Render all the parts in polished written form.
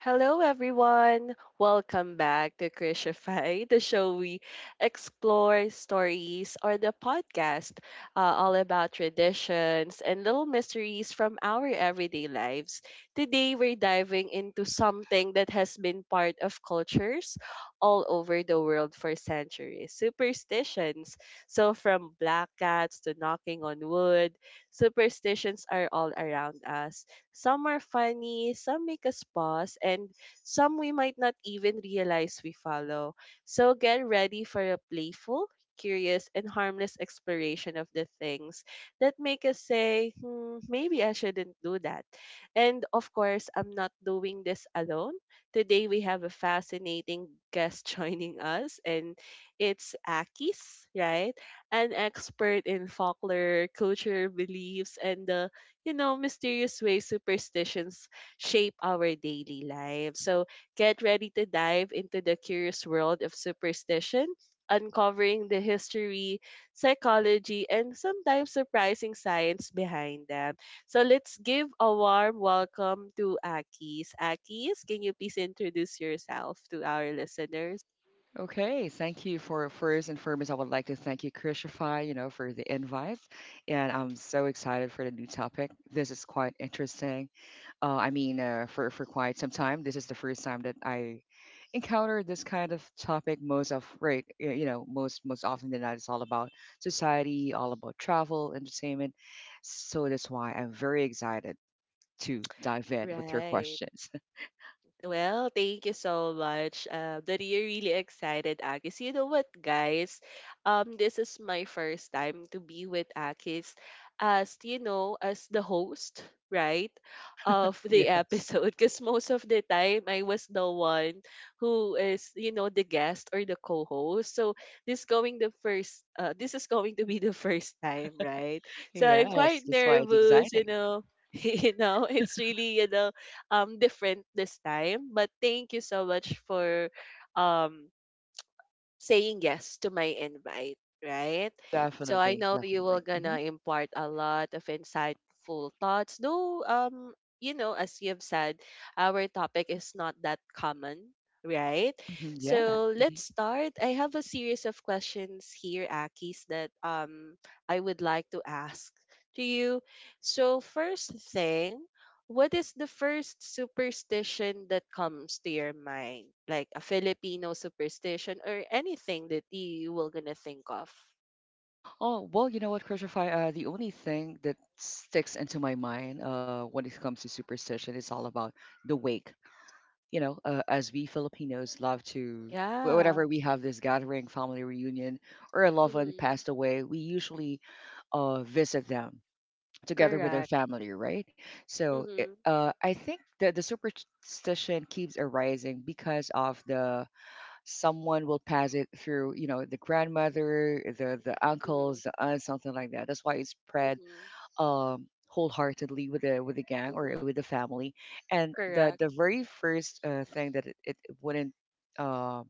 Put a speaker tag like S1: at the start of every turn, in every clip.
S1: Hello, everyone. Welcome back to Crucify, the show we explore stories or the podcast all about traditions and little mysteries from our everyday lives. Today, we're diving into something that has been part of cultures all over the world for centuries superstitions. So, from black cats to knocking on wood, superstitions are all around us some are funny, some make us pause, and some we might not even realize we follow. So get ready for a playful, curious, and harmless exploration of the things that make us say, hmm, maybe I shouldn't do that. And of course, I'm not doing this alone. Today we have a fascinating guest joining us, and it's Akis, right? An expert in folklore, culture, beliefs, and the mysterious ways superstitions shape our daily lives. So get ready to dive into the curious world of superstition, uncovering the history, psychology, and sometimes surprising science behind them. So let's give a warm welcome to Akis. Akis, can you please introduce yourself to our listeners?
S2: Okay, thank you for first and foremost. I would like to thank you, Christify, for the invite, and I'm so excited for the new topic. This is quite interesting. I mean, for quite some time, this is the first time that I encountered this kind of topic. Most of right, most often than not, it's all about society, all about travel, entertainment. So that's why I'm very excited to dive in with your
S1: Right.
S2: questions.
S1: Well, thank you so much. Daddy, you're really excited, Akis. You know what, guys? This is my first time to be with Akis as, you know, as the host, right, of the
S2: Yes,
S1: episode. Because most of the time, I was the one who is, you know, the guest or the co-host. So this is going to be the first time, right? So I'm
S2: yes,
S1: quite
S2: that's why it's
S1: nervous, you
S2: exciting.
S1: know. You know, it's really, you know, different this time. But thank you so much for um saying yes to my invite, right? So I
S2: Definitely,
S1: know you will
S2: definitely. Hmm.
S1: gonna impart a lot of insightful thoughts. Though you know, as you've said, our topic is not that common, right?
S2: Hmm. Yeah.
S1: So let's
S2: Hmm.
S1: start. I have a series of questions here, Akis, that I would like to ask to you. So first thing, what is the first superstition that comes to your mind? Like a Filipino superstition or anything that you were gonna think of?
S2: Oh, well, you know what, Christopher? The only thing that sticks into my mind, when it comes to superstition is all about the wake. You know, as we Filipinos love to,
S1: Yeah.
S2: whenever we have this gathering, family reunion, or a loved one
S1: Mm-hmm.
S2: passed away, we usually visit them together with their
S1: Correct.
S2: family, right? So it,
S1: Mm-hmm.
S2: I think that the superstition keeps arising because of the, someone will pass it through, you know, the grandmother, the
S1: Mm-hmm.
S2: uncles, the aunts, something like that. That's why it's spread
S1: Mm-hmm.
S2: wholeheartedly with the gang or with
S1: Mm-hmm.
S2: the family, and the
S1: Correct.
S2: very first thing that it wouldn't uh,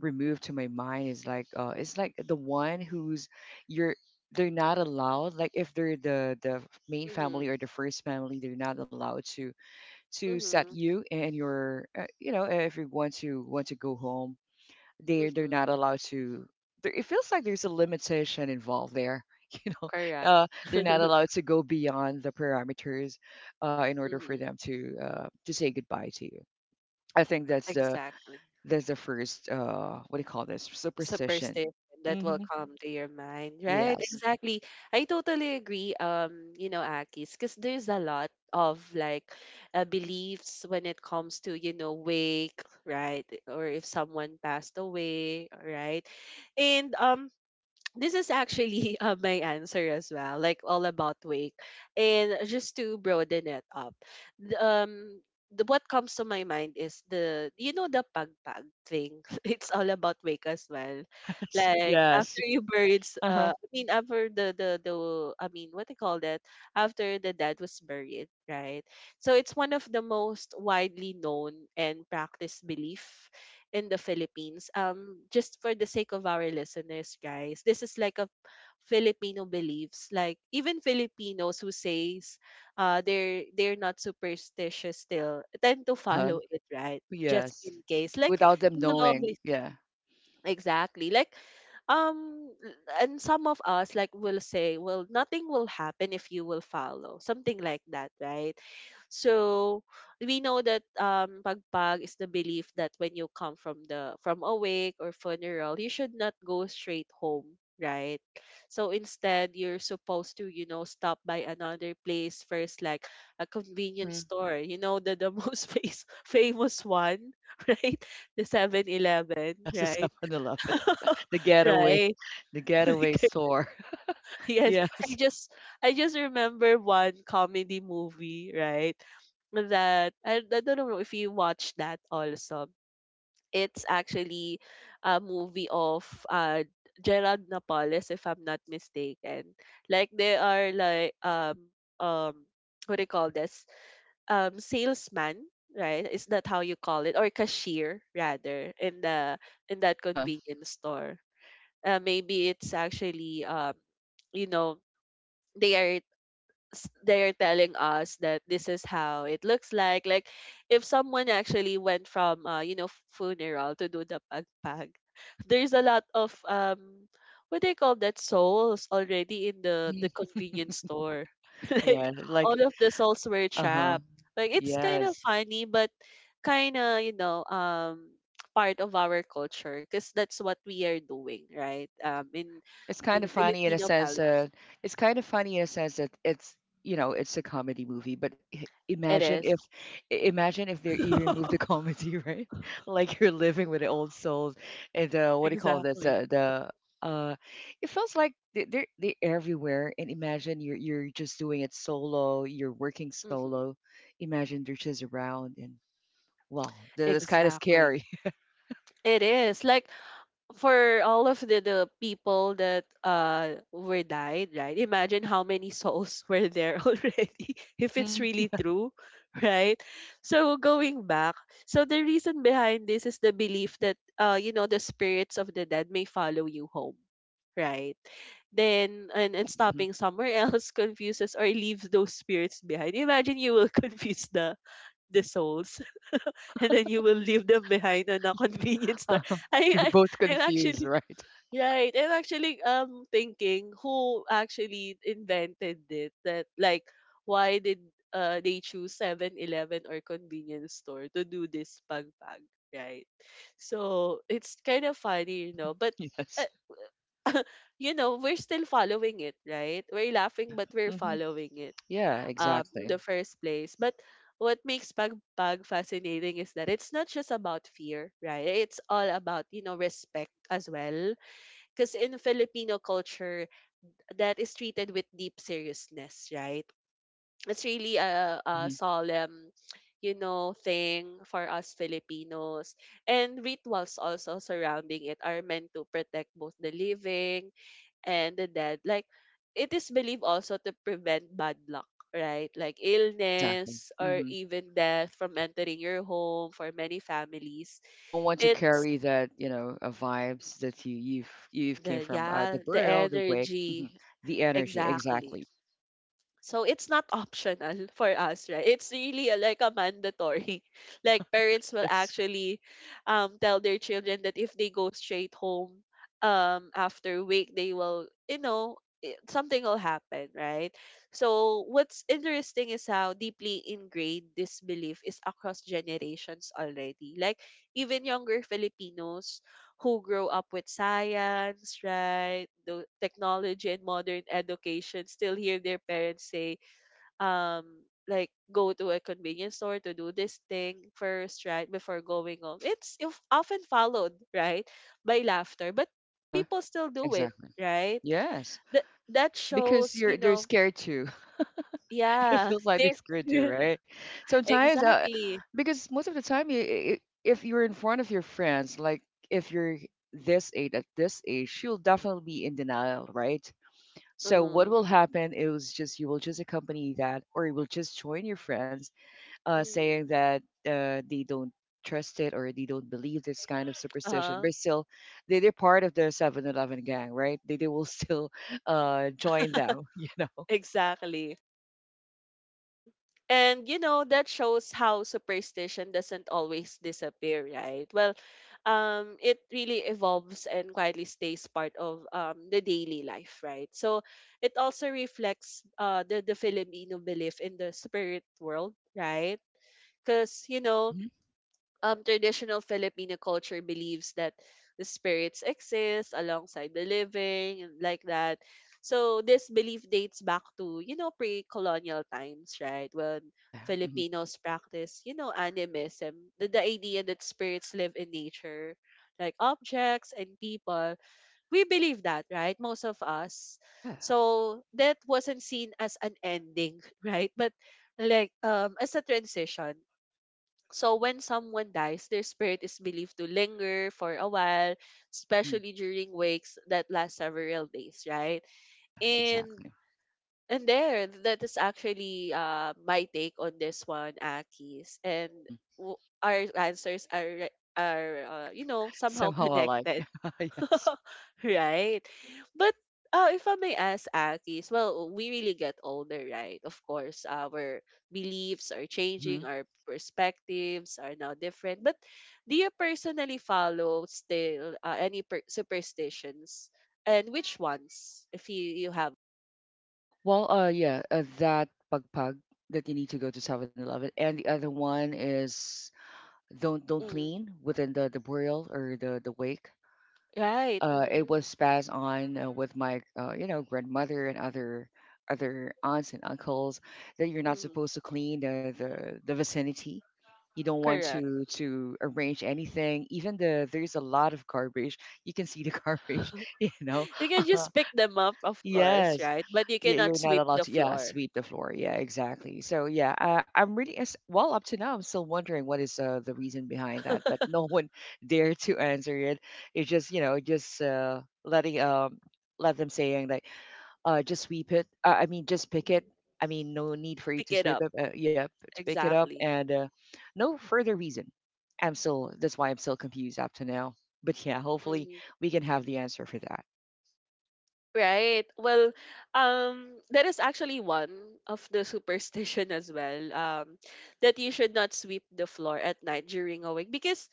S2: remove to my mind is like, it's like the one who's, you're, they're not allowed, like if they're the main
S1: Mm-hmm.
S2: family or the first family, they're not allowed to set
S1: Mm-hmm.
S2: you and your, if you want to go home, they're
S1: Mm-hmm.
S2: not allowed to, there, it feels like there's a limitation involved there. you know
S1: Correct.
S2: they're not allowed to go beyond the parameters, in order for them
S1: Mm-hmm.
S2: to, to say goodbye to you. I think that's the,
S1: Exactly.
S2: first, what do you call this, superstition?
S1: Superstition that will
S2: Hmm.
S1: come to your mind, right?
S2: Yes.
S1: Exactly. I totally agree. You know, Akis, because there's a lot of like beliefs when it comes to you know wake, right, or if someone passed away, right, and this is actually my answer as well, like all about wake. And just to broaden it up, the, um, what comes to my mind is the you know the pagpag thing. It's all about wake as well.
S2: Yes,
S1: Like
S2: yes.
S1: after you buried,
S2: Uh-huh.
S1: I mean after the I mean what they call that after the dad was buried, right? So it's one of the most widely known and practiced belief in the Philippines. Just for the sake of our listeners, guys, this is like a Filipino beliefs. Like even Filipinos who says they're not superstitious still tend to
S2: Uh-huh.
S1: follow it, right? Just
S2: Yes.
S1: in case. Like
S2: Without them
S1: they will
S2: knowing,
S1: always
S2: yeah.
S1: exactly. Like um and some of us like will say, well, nothing will happen if you will follow. Something like that, right? So we know that pagpag is the belief that when you come from the from a wake or funeral, you should not go straight home, right? So instead you're supposed to, you know, stop by another place first, like a convenience
S2: Mm-hmm.
S1: store, you know, the most famous one, right? The 7-Eleven,
S2: Yes. The
S1: right?
S2: 7-eleven, the getaway
S1: Right.
S2: the getaway store.
S1: Yes.
S2: Yes.
S1: I just remember one comedy movie, right? That I don't know if you watched that also. It's actually a movie of uh Gerald Napoles, if I'm not mistaken. Like they are like um what do you call this? Salesman, right? Is that how you call it? Or cashier rather in the in that
S2: Uh-huh.
S1: convenience store maybe it's actually you know they are they're telling us that this is how it looks like. Like if someone actually went from you know funeral to do the pagpag, there's a lot of what they call that souls already in the convenience store. Like
S2: Yeah,
S1: all
S2: like.
S1: of the souls were
S2: Uh-huh.
S1: trapped. Like it's kind of
S2: Yes.
S1: funny, but kind of you know part of our culture because that's what we are doing, right?
S2: It's
S1: In
S2: kind of funny in a
S1: Filipino
S2: sense
S1: palace,
S2: that, it's kind of funny in a sense that it's, you know, it's a comedy movie, but
S1: it
S2: imagine if,
S1: is.
S2: I- imagine if they you remove the comedy, right? Like you're living with the old souls, and what do you call this?
S1: Exactly.
S2: The uh it feels like they're everywhere, and imagine you're just doing it solo, you're working
S1: Hmm.
S2: solo. Imagine they're just around, and well, that's kind of
S1: Exactly.
S2: scary.
S1: It is like for all of the people that were died, right? Imagine how many souls were there already if it's
S2: Hmm.
S1: really true, right? So going back, so the reason behind this is the belief that you know the spirits of the dead may follow you home, right? Then and,
S2: Yeah.
S1: and stopping somewhere else confuses or leaves those spirits behind. Imagine you will confuse the souls and then you will leave them behind on a convenience store.
S2: uh
S1: I,
S2: You're
S1: I
S2: both
S1: I'm
S2: confused,
S1: actually
S2: right?
S1: right. I'm actually thinking who actually invented it. That like why did they choose 7-Eleven or convenience store to do this pag pag right? So it's kind of funny, you know. But uh,
S2: Yes.
S1: you know we're still following it, right? We're
S2: Yeah.
S1: laughing, but we're
S2: Hmm.
S1: following it
S2: Yeah,
S1: in
S2: exactly.
S1: the first place. But what makes pagpag fascinating is that it's not just about fear, right? It's all about, you know, respect as well. Because in Filipino culture, that is treated with deep seriousness, right? It's really a
S2: Hmm.
S1: solemn, you know, thing for us Filipinos. And rituals also surrounding it are meant to protect both the living and the dead. Like, it is believed also to prevent bad luck, right? Like
S2: Exactly.
S1: illness or
S2: Hmm.
S1: even death from entering your home for many families.
S2: You don't want to
S1: It's
S2: carry that, you know, vibes that you've came from,
S1: yeah,
S2: the
S1: the
S2: burial, the wake, mhm,
S1: energy.
S2: the energy.
S1: Exactly.
S2: Exactly.
S1: So it's not optional for us, right? It's really a, like a mandatory. Like parents will
S2: Yes.
S1: actually tell their children that if they go straight home after wake, they will, you know, something will happen, right? So what's interesting is how deeply ingrained this belief is across generations already. Like even younger Filipinos who grow up with science, right? The technology and modern education still hear their parents say, um, like go to a convenience store to do this thing first, right? Before going home. It's often followed, right? By laughter, but
S2: Uh huh.
S1: people still do it,
S2: Exactly.
S1: right?
S2: Yes,
S1: That that
S2: because
S1: shows, you
S2: you're they're
S1: know,
S2: scared too. It
S1: yeah,
S2: feels like they
S1: there's
S2: screwed you, right? Sometimes,
S1: exactly.
S2: because most of the time, you, if you're in front of your friends, like if you're, at this age, you'll definitely be in denial, right? So what
S1: Mm-hmm.
S2: will happen is just, you will just accompany that, or you will just join your friends,
S1: Mm-hmm.
S2: saying that they don't trust it or they don't believe this kind of superstition.
S1: Uh-huh.
S2: But still, they're part of the 7-Eleven gang, right? They will still join them, you know.
S1: Exactly. Mm. And you know, that shows how superstition doesn't always disappear, right? Well, it really evolves and quietly stays part of the daily life, right? So it also reflects the Filipino belief in the spirit world, right? Because, you know,
S2: Hmm.
S1: traditional Filipino culture believes that the spirits exist alongside the living and like that. So this belief dates back to, you know, pre-colonial times, right? When
S2: Yeah. Mhm.
S1: Filipinos practice, you know, animism, the idea that spirits live in nature, like objects and people. We believe that, right? Most of us.
S2: Yeah.
S1: So that wasn't seen as an ending, right? But like as a transition so when someone dies, their spirit is believed to linger for a while,
S2: Hmm.
S1: especially during wakes that last several days, right?
S2: Yeah,
S1: And
S2: exactly.
S1: that is actually my take on this one, Akis. And
S2: Mhm.
S1: w- our answers are you know somehow
S2: Somehow alike.
S1: connected
S2: Yes.
S1: right? But if I may ask, Akis, well, we really get older, right? Of course, our beliefs are
S2: Hmm.
S1: changing, our perspectives are now different. But do you personally follow still any superstitions? And which ones, if you, you have?
S2: Well, yeah, that pagpag that you need to go to 7-Eleven, and the other one is, don't
S1: Mm,
S2: clean within the burial or the wake.
S1: right.
S2: It
S1: Mm,
S2: was passed on, with my, grandmother and other aunts and uncles, that you're not
S1: mm,
S2: supposed to clean the, vicinity. You don't want
S1: correct.
S2: to arrange anything, even the, there's a lot of garbage, you can see the garbage, you know.
S1: You can just pick them up, of course,
S2: Yes.
S1: right? But you
S2: Yeah,
S1: cannot
S2: you're not
S1: sweep
S2: allowed
S1: the
S2: to. Yeah,
S1: floor.
S2: sweep the floor. Yeah, exactly. So yeah, I'm really as well up to now. I'm still wondering what is, the reason behind that, but no one dared to answer it. It's just, you know, just letting let them, saying like, just sweep it. I mean just pick it. I mean no need for you
S1: Pick
S2: to
S1: it
S2: sweep
S1: up.
S2: it. Yeah, to pick it up,
S1: Exactly.
S2: and no further reason. I'm still, that's why I'm still confused up to now. But yeah, hopefully we can have the answer for that.
S1: Right. Well, that is actually one of the superstition as well. That you should not sweep the floor at night during a week because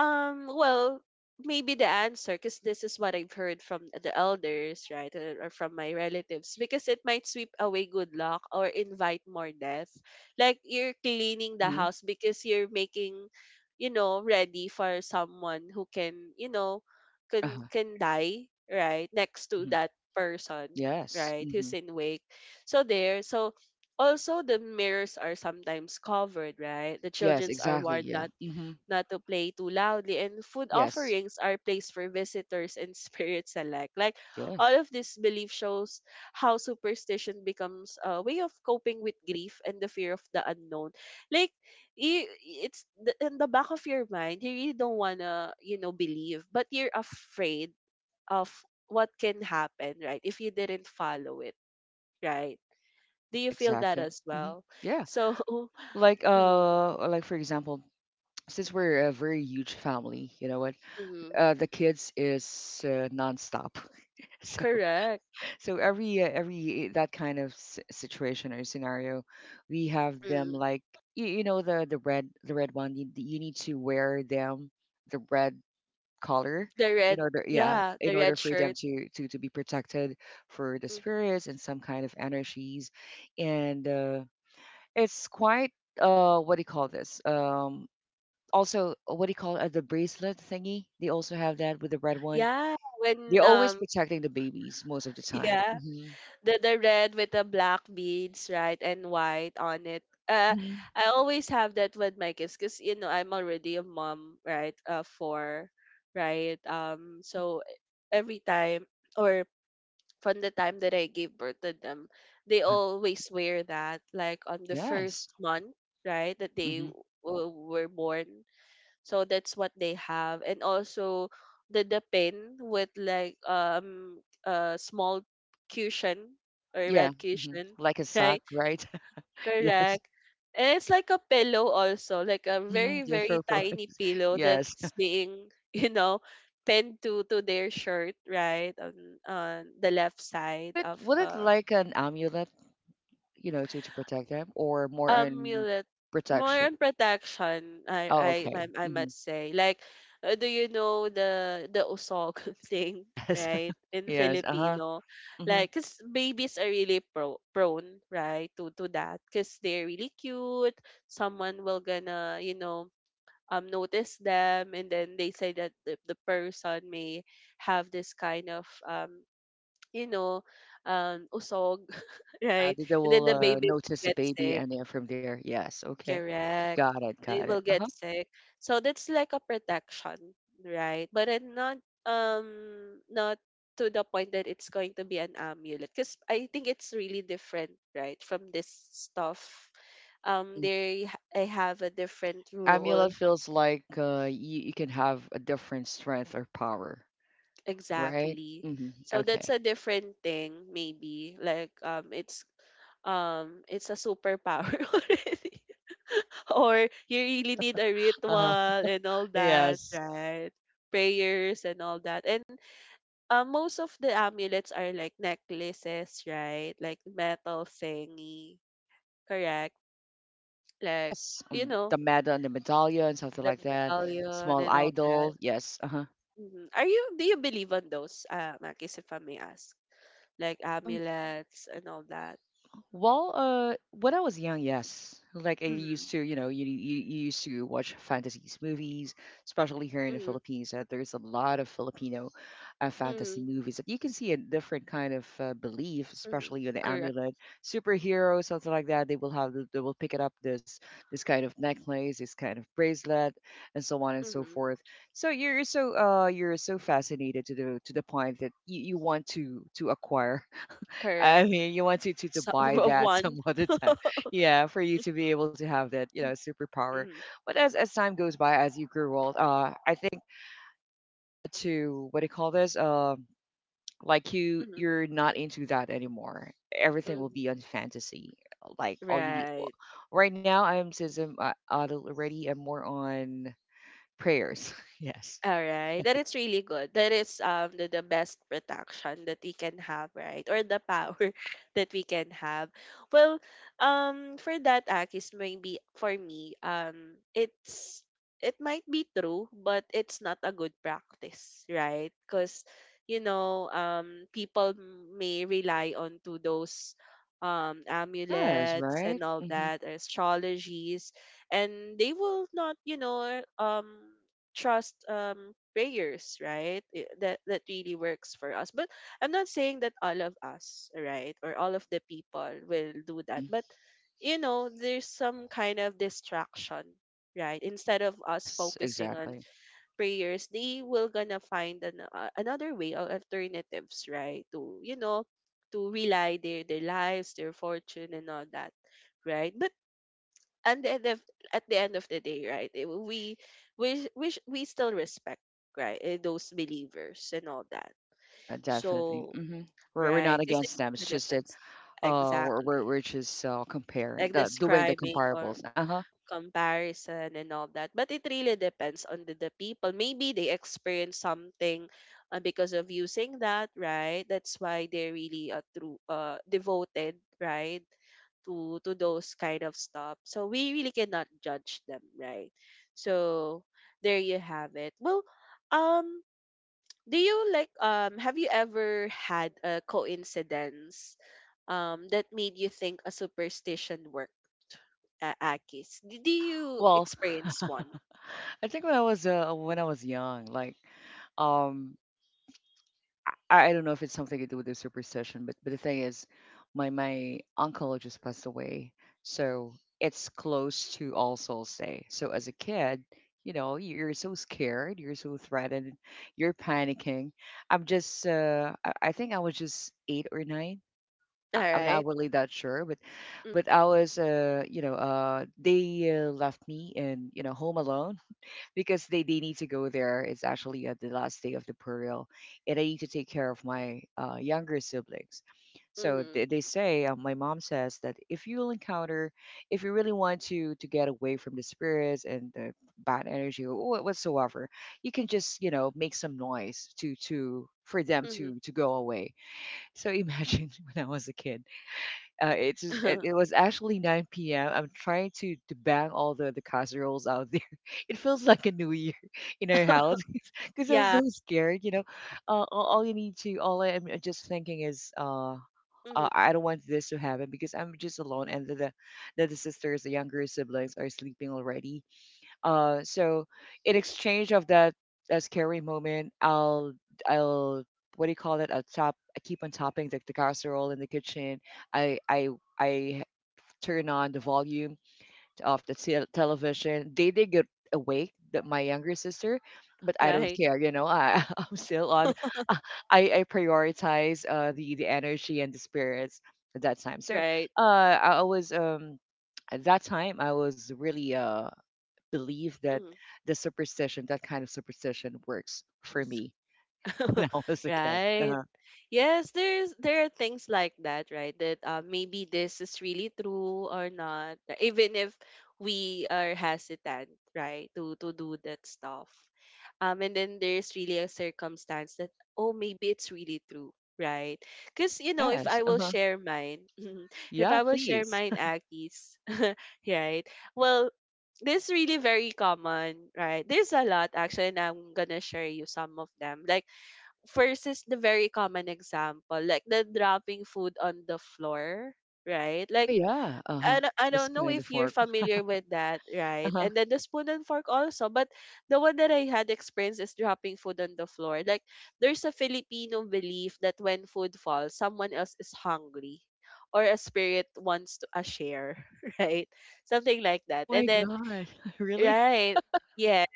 S1: well, maybe the answer, because this is what I've heard from the elders, right, or from my relatives, because it might sweep away good luck or invite more death. Like you're cleaning the
S2: Mm-hmm.
S1: house because you're making, you know, ready for someone who can, you know,
S2: Uh-huh.
S1: can die, right, next to
S2: Mm-hmm.
S1: that person,
S2: Yes.
S1: right, who's
S2: Mm-hmm.
S1: in wake. So there, so also the mirrors are sometimes covered, right? The
S2: Yes,
S1: childrens are
S2: exactly.
S1: warned
S2: Yeah. Hmm.
S1: not to play too loudly, and food
S2: Yes.
S1: offerings are placed for visitors and spirits alike. Like
S2: Yeah.
S1: all of this belief shows how superstition becomes a way of coping with grief and the fear of the unknown. Like you, it's in the back of your mind, you really don't wanna, you know, believe, but you're afraid of what can happen, right? If you didn't follow it, right? Do you
S2: Yeah.
S1: feel that
S2: Exactly.
S1: as
S2: Hmm.
S1: well?
S2: Yeah.
S1: So,
S2: Like,
S1: mhm,
S2: like for example, since we're a very huge family, you know what?
S1: mhm,
S2: The kids is, nonstop. So
S1: correct.
S2: every, every that kind of situation or scenario, we have them
S1: Mm-hmm.
S2: like, you know the red, the red one. You need to wear them, the red color,
S1: The
S2: in
S1: red,
S2: order, yeah,
S1: yeah,
S2: in
S1: the
S2: order
S1: red
S2: for them
S1: shirt.
S2: to, be protected, for the
S1: Mhm.
S2: spirits and some kind of energies, and it's quite, what do you call this, also, what do you call it, the bracelet thingy they also have that with the red one,
S1: Yeah,
S2: they're
S1: when
S2: always
S1: um
S2: protecting the babies most of the time.
S1: yeah,
S2: Hmm.
S1: the red with the black beads, right, and white on it. Uh,
S2: Hmm.
S1: I always have that with my kids because you know I'm already a mom, right? For right. Um,
S2: Hmm.
S1: so every time or from the time that I gave birth to them, they
S2: Uh-huh.
S1: always wear that. Like on the
S2: Yes.
S1: first month, right, that they
S2: Hmm.
S1: were born. So that's what they have. And also the pin with like a small cushion or
S2: Yeah.
S1: red
S2: Hmm.
S1: cushion,
S2: Like a sock,
S1: right?
S2: right? Yes.
S1: Correct. And it's like a pillow also, like a
S2: Hmm.
S1: very,
S2: Yes,
S1: very
S2: for Philip.
S1: tiny pillow
S2: Yes.
S1: that's being, pinned to their shirt, right? On the left side
S2: Would it,
S1: of
S2: would it, like an amulet, you know, to protect them, or more on
S1: amulet, more
S2: protection?
S1: on protection. I
S2: Oh,
S1: I I
S2: okay.
S1: I
S2: Hmm.
S1: must say like do you know the usog thing,
S2: Yes.
S1: right, in
S2: Yes. Uh huh.
S1: Filipino.
S2: Hmm.
S1: Like cause babies are really prone, right, to that, cause they're really cute. Someone will gonna you know notice them and then they say that the person may have this kind of you know usog,
S2: Yeah,
S1: right.
S2: they
S1: And then
S2: will,
S1: the baby
S2: notice the
S1: gets
S2: baby,
S1: sick.
S2: and then from there, yes. Okay,
S1: Correct.
S2: got it,
S1: They
S2: got
S1: will
S2: it. Uh
S1: get
S2: huh.
S1: sick. So that's like a protection, right? But then not not to the point that it's going to be an amulet because I think it's really different, right? From this stuff. Um,
S2: Hmm.
S1: they I have a different
S2: Amulet
S1: role.
S2: feels like, you, you can have a different strength or power, right?
S1: Exactly.
S2: Hmm.
S1: So that's
S2: Okay.
S1: a different thing maybe. Like it's a superpower already. Or you really need a
S2: Uh huh.
S1: ritual and all that,
S2: Yes.
S1: right? Prayers and all that. And most of the amulets are like necklaces, right? Like metal thingy, correct? Like,
S2: Yes.
S1: you know,
S2: The meta and the medallion, something
S1: the
S2: like that.
S1: medallion
S2: Small
S1: and all that.
S2: idol. Yes. Uh
S1: Mhm. Are you, do you believe on those, Makis, if I may ask? Like
S2: huh.
S1: amulets and all that.
S2: Well, when I was young, yes. Like I
S1: Mm-hmm.
S2: used to, you know, you, you used to watch fantasies movies, especially here in the
S1: Mm-hmm.
S2: Philippines. There's a lot of Filipino fantasy
S1: Mm-hmm.
S2: movies that you can see a different kind of belief,
S1: Mm-hmm.
S2: especially on the
S1: Correct.
S2: amulet, superhero, something like that. They will have they will pick it up, this kind of necklace, this kind of bracelet, and so on and so
S1: Mm-hmm.
S2: forth. So you're so, you're so fascinated to the, to the point that you want to acquire.
S1: Correct.
S2: I mean, you want to, to
S1: So,
S2: buy that
S1: one.
S2: some other time, yeah, for you to be able to have that, you know, superpower.
S1: Mm-hmm.
S2: But as time goes by, as you grow old, I think, to what do you call this? Like you're not into that anymore. Everything will be on
S1: Mm-hmm.
S2: fantasy. Like all you need.
S1: Right.
S2: Well, right now, I'm, since I'm, adult already, I'm more on prayers. Yes.
S1: All right. That is really good. That is the best protection that we can have, right? Or the power that we can have. Well, um, for that Akis maybe for me, um, it's it might be true, but it's not a good practice, right? Because you know, um, people may rely on to those
S2: Yes.
S1: amulets and
S2: Right.
S1: all
S2: Hmm.
S1: that astrologies, and they will not you know trust prayers, right, I- that that really works for us. But I'm not saying that all of us, right, or all of the people will do that,
S2: Hmm.
S1: but you know there's some kind of distraction, right, instead of us
S2: Yes.
S1: focusing on
S2: Exactly.
S1: prayers. They will gonna find an, another way or alternatives, right, to you know to rely their lives, their fortune and all that, right. and the end of At the end of the day, right? Eh, we we still respect, right, eh, those believers and all that.
S2: Yeah. Definitely.
S1: So
S2: Hmm. We're not
S1: right, because it
S2: against them.
S1: really
S2: It's just that.
S1: depends.
S2: Where,
S1: Exactly,
S2: which is comparing,
S1: like
S2: the doing, the
S1: describing or
S2: comparables. Uh-huh.
S1: comparison and all that. But it really depends on the people. Maybe they experience something because of using that, right? That's why they're really true, devoted, right? To those kind of stuff. So we really cannot judge them, right? So there you have it. Well, um, do you like have you ever had a coincidence that made you think a superstition worked, akis? Did you
S2: Well.
S1: experience one?
S2: I think when I was, when I was young, like, um I don't know if it's something to do with the superstition, but the thing is, my uncle just passed away. So it's close to All Souls Day. So as a kid, you know, you're so scared, you're so threatened, you're panicking. I'm just, I think I was just eight or nine.
S1: All
S2: I- I'm not
S1: right.
S2: really that sure, but I was, you know, they, left me and, you know, home alone, because they need to go there. It's actually at the last day of the burial, and I need to take care of my, younger siblings. So
S1: Mm-hmm.
S2: they say, my mom says that, if you'll encounter, if you really want to get away from the spirits and the bad energy or whatsoever, you can just, you know, make some noise to, for them to go away. So imagine when I was a kid. It's just- it,
S1: Mm-hmm.
S2: it was actually 9 p.m. I'm trying to bang all the casseroles out there. It feels like a new year in our house because I was
S1: Yeah.
S2: so scared. You know, all, you need to, all I'm just thinking is,
S1: Mm-hmm.
S2: I don't want this to happen because I'm just alone, and the, the sisters, the younger siblings, are sleeping already. So in exchange of that, scary moment, I'll, I'll what do you call it? I'll top. I keep on topping the casserole in the kitchen. I I I turn on the volume of the television. They did get awake, that my younger sister, but I don't
S1: Right.
S2: care. I I'm still on. uh, I prioritize the energy and the spirits at that time. So
S1: Right.
S2: I was at that time I was really believe that
S1: Mm-hmm.
S2: the superstition, that kind of superstition works for me when I was a kid.
S1: Right.
S2: Uh-huh.
S1: Yes, there's there are things like that, right? That maybe this is really true or not, even if we are hesitant, right, to do that stuff. And then there's really a circumstance that oh maybe it's really true, right? Because you know if
S2: Yes.
S1: I will
S2: Uh-huh.
S1: share mine, if
S2: Yeah,
S1: I will share
S2: please.
S1: mine, Aki's, right? Well, this really very common, right? There's a lot actually, and I'm gonna share you some of them. Like versus the very common example, like the dropping food on the floor, right?
S2: Oh
S1: Like,
S2: yeah. Uh-huh.
S1: I
S2: The
S1: don't know
S2: spoon and the
S1: if you're
S2: fork.
S1: familiar with that, right?
S2: Uh-huh.
S1: And then the spoon and fork also. But the one that I had experienced is dropping food on the floor. Like, there's a Filipino belief that when food falls, someone else is hungry or a spirit wants to a share, right? Something like
S2: Oh
S1: that.
S2: my
S1: And then
S2: God. Really?
S1: right. Yes.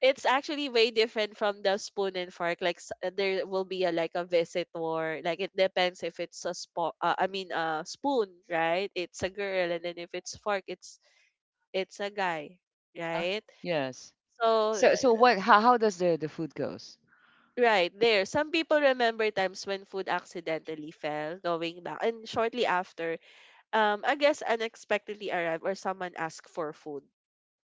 S1: It's actually way different from the spoon and fork. Like there will be a like a visitor. Like it depends if it's a I mean a spoon, right? It's a girl, and then if it's fork, it's a guy,
S2: Uh-huh.
S1: right?
S2: Yes.
S1: So
S2: So what how does the food goes?
S1: right there, some people remember times when food accidentally fell going back and shortly after, I guess unexpectedly arrived or someone asked for food,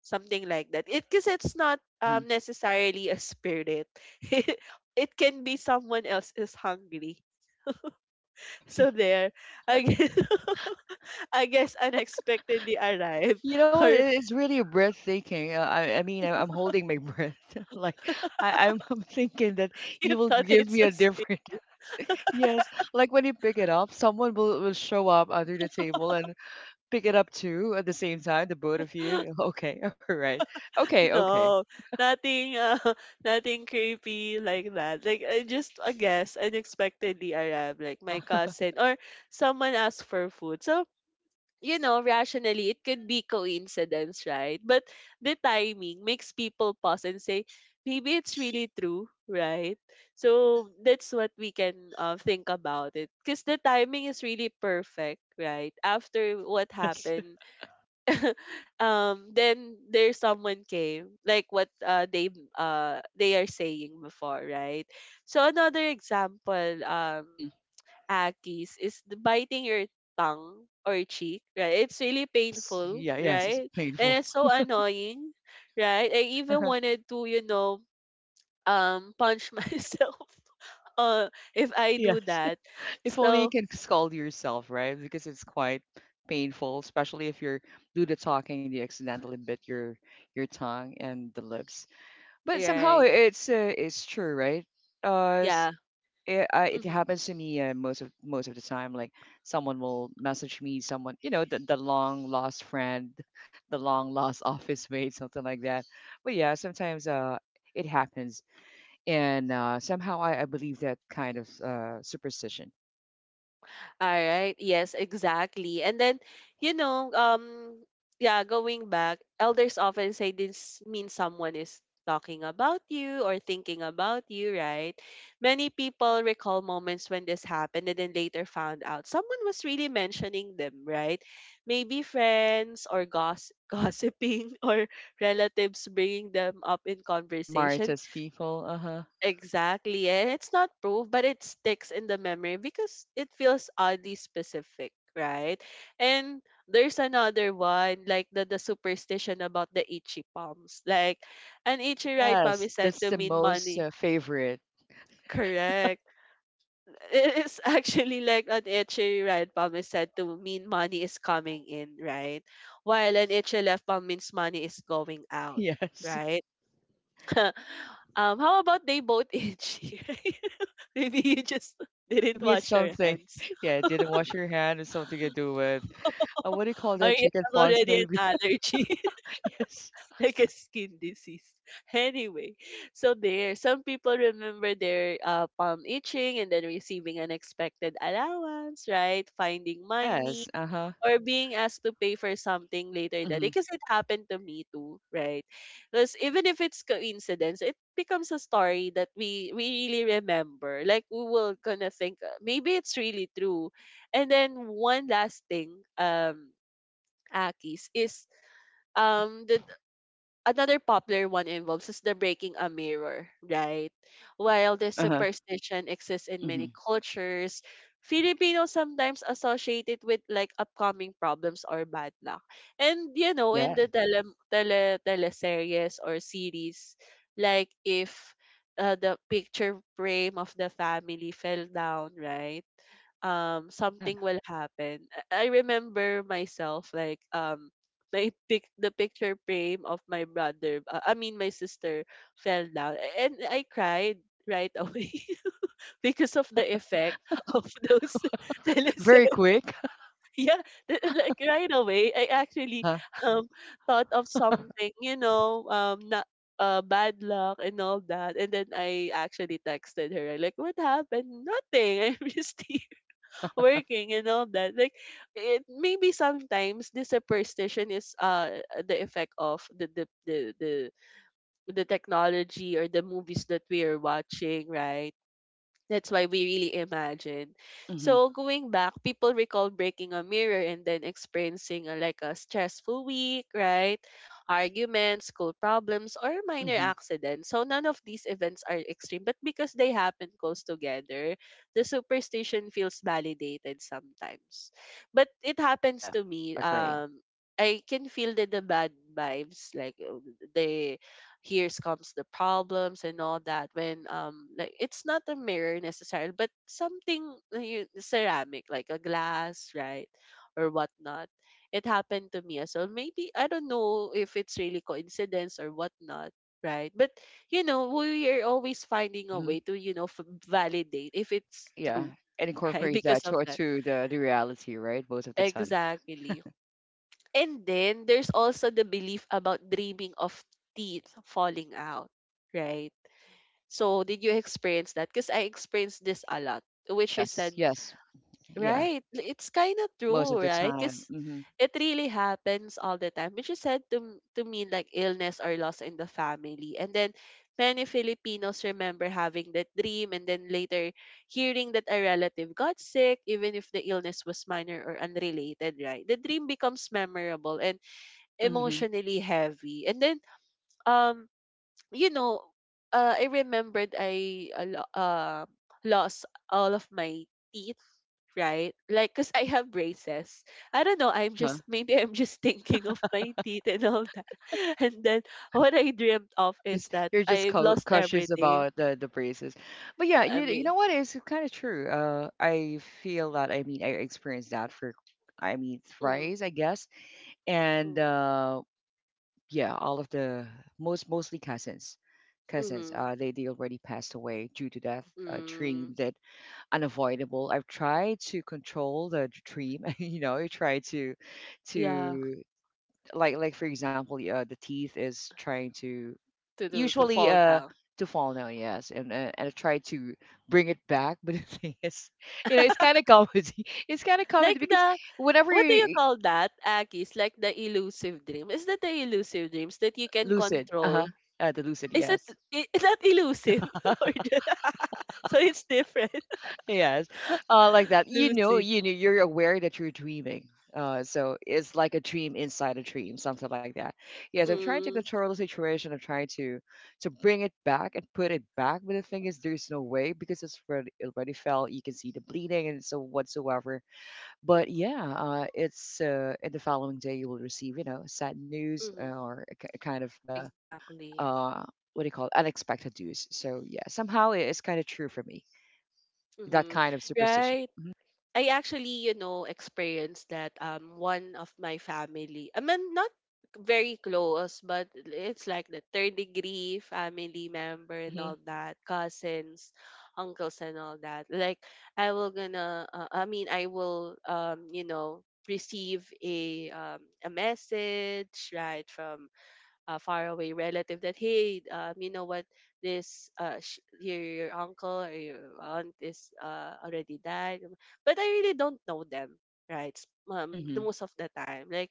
S1: something like that. It because it's not
S2: Hmm.
S1: necessarily a spirit. it it can be someone else is hungry. So there I guess, I guess unexpectedly arrive.
S2: You know what?
S1: Or
S2: It's really breathtaking. I mean, I'm holding my breath. Like I'm thinking that
S1: you
S2: you will
S1: thought
S2: give
S1: it's
S2: me
S1: a
S2: a
S1: spirit.
S2: different. Yes, like when you pick it up, someone will show up under the table and pick it up too at the same time, the both of you. Okay, all right. Okay, okay.
S1: No, nothing nothing creepy like that. Like I just I guess unexpectedly arrive like
S2: Uh-huh.
S1: my cousin or someone asked for food. So you know, rationally, it could be coincidence, right? But the timing makes people pause and say, maybe it's really true, right? So that's what we can think about it. Because the timing is really perfect, right? After what
S2: Yes.
S1: happened, then there's someone came, like what they are saying before, right? So another example,
S2: Hmm.
S1: Akis is the biting your tongue or cheek, right? It's really
S2: Yes.
S1: painful,
S2: Yeah, yes, it's
S1: right? And
S2: painful.
S1: it's so annoying, right? I even wanted to, you know, punch myself uh if I do
S2: Yes.
S1: that.
S2: If only you
S1: So,
S2: can scold yourself, right? Because it's quite painful, especially if you're do the talking, you accidentally bit your tongue and the lips. But somehow
S1: right.
S2: it's true, right? Uh,
S1: Yeah.
S2: it
S1: Mm-hmm.
S2: happens to me most of the time. Like someone will message me, someone the long lost friend, the long lost office mate, something like that. But yeah, sometimes it happens, and somehow I believe that kind of superstition.
S1: All right. Yes, exactly. And then, you know, yeah, going back, elders often say this means someone is talking about you or thinking about you, right? Many people recall moments when this happened and then later found out someone was really mentioning them, right? Maybe friends or gossiping or relatives bringing them up in
S2: The
S1: conversation.
S2: Maritas people. Uh huh.
S1: Exactly. And it's not proof, but it sticks in the memory because it feels oddly specific, right? And there's another one, like the superstition about the itchy palms. Like an itchy right palm
S2: Yes,
S1: is said
S2: that's
S1: to
S2: the
S1: mean
S2: most
S1: money.
S2: favorite.
S1: Correct. It is actually like an itchy right palm is said to mean money is coming in, right? While an itchy left palm means money is going out,
S2: Yes,
S1: right? Um, how about they both itchy? Maybe you just didn't
S2: maybe it's
S1: wash your
S2: something.
S1: hands.
S2: Yeah, didn't wash your hand. It's something to do with what do you call
S1: Or
S2: that?
S1: you
S2: Chicken
S1: have
S2: pox,
S1: already an
S2: maybe.
S1: allergy,
S2: Yes.
S1: like a skin disease. Anyway, so there, some people remember their palm itching and then receiving unexpected allowance, right? Finding money
S2: Yes, uh huh.
S1: or being asked to pay for something later that day,
S2: Mhm,
S1: because it happened to me too, right? Because even if it's coincidence it becomes a story that we really remember. Like we will gonna think maybe it's really true. And then one last thing, um Akis, is
S2: mhm.
S1: the another popular one involves is the breaking a mirror, right? While this
S2: Uh-huh,
S1: superstition exists in
S2: mhm.
S1: many cultures, Filipinos sometimes associate it with like upcoming problems or bad luck. And you know, in
S2: Yeah,
S1: the teleseries or series, like if the picture frame of the family fell down, right? Um,
S2: yeah.
S1: something will happen. I remember myself like my pic the picture frame of my brother I mean my sister fell down, and I cried right away because of the effect of those
S2: Very
S1: teleserye.
S2: quick.
S1: Yeah, like right away I actually
S2: Uh-huh.
S1: um thought of something, you know, um, not bad luck and all that. And then I actually texted her like, "What happened? Nothing. I'm just here." Working and all that. Like it maybe sometimes this superstition is the effect of the technology or the movies that we are watching, right? That's why we really imagine.
S2: Mhm,
S1: So going back, people recall breaking a mirror and then experiencing a, like a stressful week, right? Arguments, school problems, or minor
S2: mhm.
S1: accidents. So none of these events are extreme, but because they happen close together, the superstition feels validated sometimes. But it happens
S2: Yeah,
S1: to me.
S2: agree.
S1: I can feel the bad vibes, like the here's comes the problems and all that when like it's not a mirror necessarily but something ceramic like a glass, right, or whatnot. It happened to me as well. Maybe I don't know if it's really coincidence or whatnot, right? But you know,
S2: Yeah.
S1: we are always finding a
S2: Mhm.
S1: way to validate if it's
S2: Yeah.
S1: true.
S2: It
S1: right,
S2: incorporates
S1: because
S2: that
S1: of
S2: to
S1: that.
S2: to the reality, right? Most of the time.
S1: Exactly. And then there's also the belief about dreaming of teeth falling out, right? So did you experience that? Because I experienced this a lot, which is
S2: Yes,
S1: said,
S2: yes. Yeah.
S1: right, it's kind of
S2: Most
S1: true,
S2: of the
S1: right?
S2: time.
S1: Because
S2: Mhm.
S1: it really happens all the time, which is said to, to mean like illness or loss in the family. And then many Filipinos remember having that dream and then later hearing that a relative got sick, even if the illness was minor or unrelated, right? The dream becomes memorable and
S2: Mhm.
S1: emotionally heavy. And then um you know, I remembered I lost all of my teeth, right? Like, cause I have braces. I don't know. I'm
S2: Uh-huh.
S1: just, maybe I'm just thinking of my teeth and all that. And then what I dreamt
S2: You're
S1: of
S2: just
S1: is that
S2: you're just
S1: I've lost
S2: cautious
S1: everything.
S2: about the braces. But yeah,
S1: I
S2: you
S1: mean,
S2: know what? It's kind of true. I feel that I mean I experienced that for I mean
S1: mm-hmm,
S2: thrice, I guess. And yeah, all of the mostly cousins,
S1: mm-hmm,
S2: They already passed away due to death. A
S1: mm,
S2: dream that unavoidable. I've tried to control the dream. You know, I try to
S1: yeah,
S2: to like for example, the teeth is trying to
S1: to do to
S2: usually
S1: fall down
S2: to fall now. Yes, and I try to bring it back. But the thing is, it's kind of comedy. It's kind of comedy
S1: like
S2: because
S1: the,
S2: whenever
S1: what do you
S2: you
S1: call that, Akis? Like the elusive dream. Is that the elusive dreams that you can
S2: lucid, uh huh,
S1: control?
S2: the lucid,
S1: Is that,
S2: yes.
S1: is that elusive or so it's different?
S2: Yes, like that.
S1: Lucid.
S2: You know, you're aware that you're dreaming. So it's like a dream inside a dream, something like that. Yes, I'm trying to
S1: Mm,
S2: control the situation. I'm trying to bring it back and put it back. But the thing is, there's no way because it already fell. You can see the bleeding and so whatsoever. But
S1: mm-hmm,
S2: yeah, it's in the following day you will receive, sad news
S1: mm-hmm.
S2: or a kind of
S1: Exactly.
S2: uh, what do you call it, unexpected news. So yeah, somehow it's kind of true for me that
S1: Mm-hmm.
S2: kind of superstition.
S1: Right.
S2: Mm-hmm.
S1: I actually, you know, experienced that. One of my family, I mean not very close, but it's like the third degree family member and all
S2: Mhm,
S1: that, cousins, uncles and all that. Like I will gonna I mean I will you know receive a message, right, from faraway relative that, hey, you know what, this your uncle or your aunt is already died. But I really don't know them, right? The
S2: mhm,
S1: most of the time, like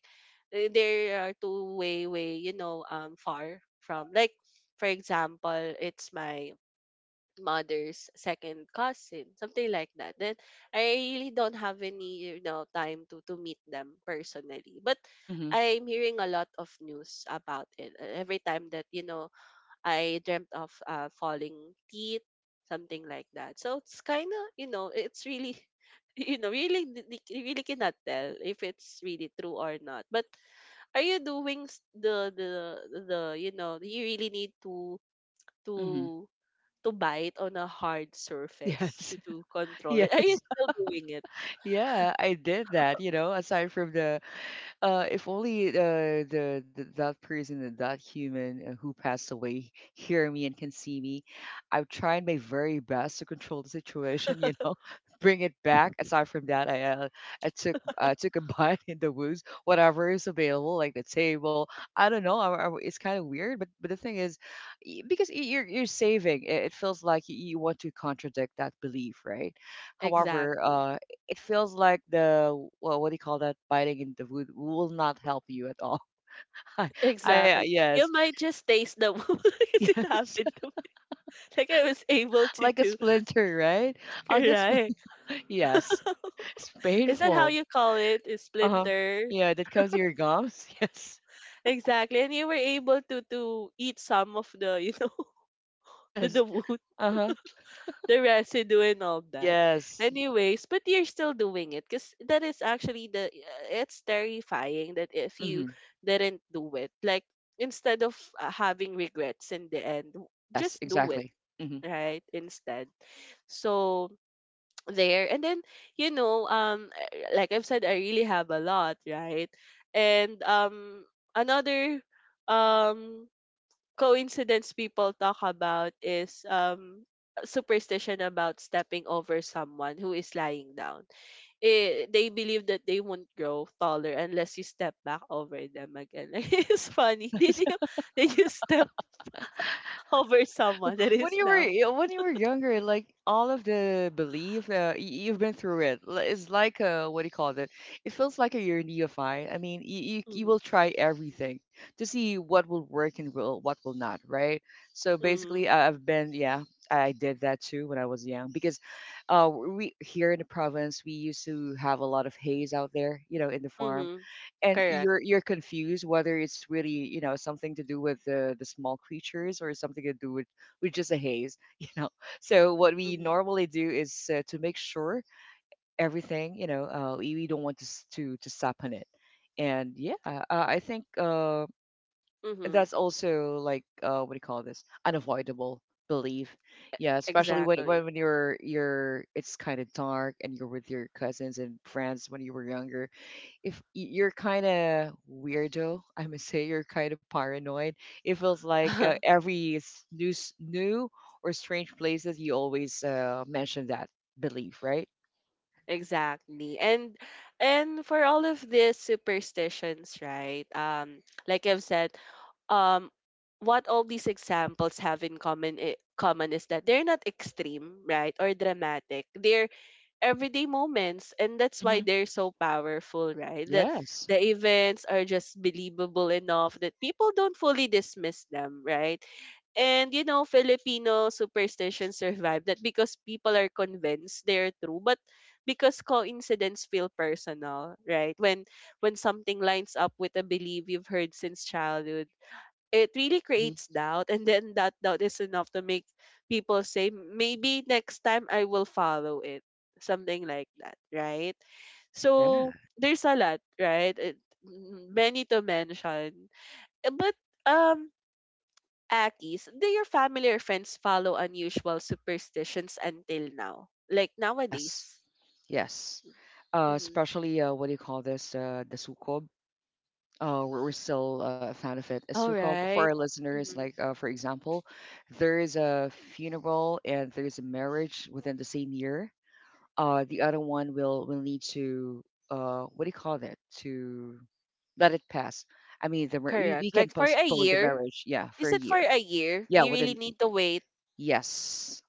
S1: they are two-way way, you know, far from, like, for example, it's my mother's second cousin, something like that. Then I really don't have any, you know, time to meet them personally. But
S2: mhm,
S1: I'm hearing a lot of news about it. Every time that, you know, I dreamt of falling teeth, something like that. So it's kind of, you know, it's really you know, really you really cannot tell if it's really true or not. But are you doing the the, you know, you really need to
S2: mhm.
S1: to to bite on a hard surface
S2: Yes,
S1: to control it. Are you
S2: yes.
S1: still doing it?
S2: Yeah, I did that, aside from the if only the that person, and that human who passed away, hear me and can see me. I've tried my very best to control the situation. You know, bring it back. Aside from that, I took a bite in the woods, whatever is available, like the table. I don't know. It's kind of weird, but the thing is, because you're saving, it feels like you want to contradict that belief, right? However,
S1: Exactly.
S2: it feels like the well, what do you call that? Biting in the wood will not help you at all. I, I
S1: Exactly.
S2: yes,
S1: You might just taste the wood, because it
S2: yes,
S1: happened to me. Like I was able to
S2: like a
S1: do.
S2: splinter, right? I'll get spl-
S1: Correct.
S2: yes, it's
S1: Is that how
S2: painful.
S1: you call it? A
S2: Uh huh.
S1: splinter.
S2: Yeah, that comes to your gums. Yes,
S1: Exactly. And you were able to eat some of the, you know,
S2: yes.
S1: the wood,
S2: Uh huh.
S1: the residue and all that.
S2: Yes.
S1: Anyways, but you're still doing it because that is actually the it's terrifying that if you
S2: Mm-hmm.
S1: didn't do it, like instead of having regrets in the end,
S2: Yes,
S1: just do it,
S2: exactly. Mm-hmm.
S1: right, instead. So there, and then you know like I've said, I really have a lot, right, and another um coincidence people talk about is superstition about stepping over someone who is lying down. They believe that they won't grow taller unless you step back over them again. Like, it's funny. Did you step over someone that
S2: when
S1: is
S2: you
S1: now?
S2: were when you were younger, like all of the belief, you've been through it. It's like a what do you call it? It feels like a you're neophyte. I mean, you
S1: Mm-hmm,
S2: will try everything to see what will work and will what will not, right? So
S1: mm-hmm,
S2: basically, I've been, yeah, I did that too when I was young because, we here in the province we used to have a lot of haze out there, in the farm,
S1: mm-hmm.
S2: and
S1: Correct.
S2: you're confused whether it's really something to do with the small creatures or something to do with just a haze so what we
S1: Mm-hmm,
S2: normally do is to make sure everything we don't want to sap on it, and yeah, I think
S1: mm-hmm.
S2: that's also like what do you call this, unavoidable belief. Yeah, especially when when
S1: Exactly.
S2: when you're it's kind of dark and you're with your cousins and friends when you were younger, if you're kind of weirdo, I must say you're kind of paranoid. It feels like every new new or strange places you always mention that belief, right?
S1: Exactly. And for all of these superstitions, right? Like I've said, um what all these examples have in common is that they're not extreme, right, or dramatic. They're everyday moments, and that's why
S2: Mm-hmm.
S1: they're so powerful, right? That
S2: Yes.
S1: the events are just believable enough that people don't fully dismiss them, right? And you know, Filipino superstition survived that because people are convinced they're true, but because coincidence feel personal, right? When something lines up with a belief you've heard since childhood, it really
S2: Hmm.
S1: creates doubt, and then that doubt is enough to make people say maybe next time I will follow it, something like that, right?
S2: Yeah.
S1: So there's a lot, right, it, many to mention. But um Akis, do your family or friends follow unusual superstitions until now? Like
S2: Yes.
S1: nowadays?
S2: Yes.
S1: Mm-hmm.
S2: Especially what do you call this? The sukob. We're still a fan of it. A
S1: All
S2: sukob for our
S1: right.
S2: listeners,
S1: Mm-hmm.
S2: like for example, there is a funeral and there is a marriage within the same year. The other one will need to what do you call that, to let it pass. I mean, we
S1: Correct.
S2: we can
S1: Like for a
S2: postpone the
S1: year?
S2: marriage, yeah, for a
S1: Is it for
S2: year.
S1: a year?
S2: Yeah,
S1: You
S2: with
S1: really
S2: an.
S1: need to wait.
S2: Yes,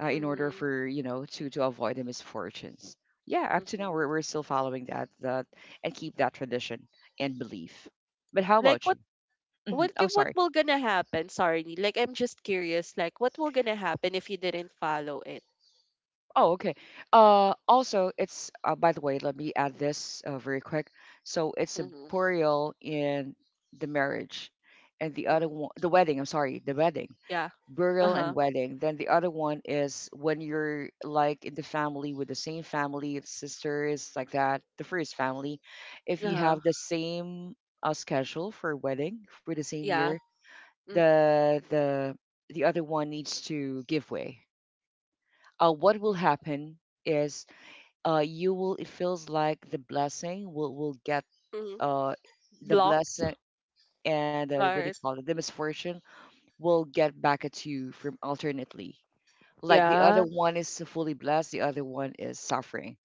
S2: in order
S1: Mm-hmm.
S2: for to avoid the misfortunes. Yeah, up to now
S1: Mm-hmm.
S2: we're still following that and keep that tradition and belief. But how
S1: Like
S2: about you?
S1: what
S2: Oh,
S1: what
S2: sorry.
S1: will gonna happen, sorry Nee, like I'm just curious, like what will gonna happen if you didn't follow it?
S2: Oh, okay. Also, it's by the way, let me add this very quick. So it's a
S1: Mm-hmm.
S2: burial in the marriage, and the other
S1: Mm.
S2: one, the wedding. I'm sorry, the wedding,
S1: Yeah,
S2: burial and
S1: uh-huh,
S2: wedding. Then the other one is when you're like in the family with the same family, sisters like that. The first family, if you
S1: uh-huh,
S2: have the same schedule for wedding for the same
S1: yeah,
S2: year, the the the other one needs to give way. What will happen? Is you will it feels like the blessing will get
S1: mm-hmm.
S2: uh the
S1: Blocked.
S2: blessing and what do you
S1: Alert.
S2: call it, the misfortune will get back at you from alternately. Like the other
S1: Yeah.
S2: one is fully blessed, the other one is suffering,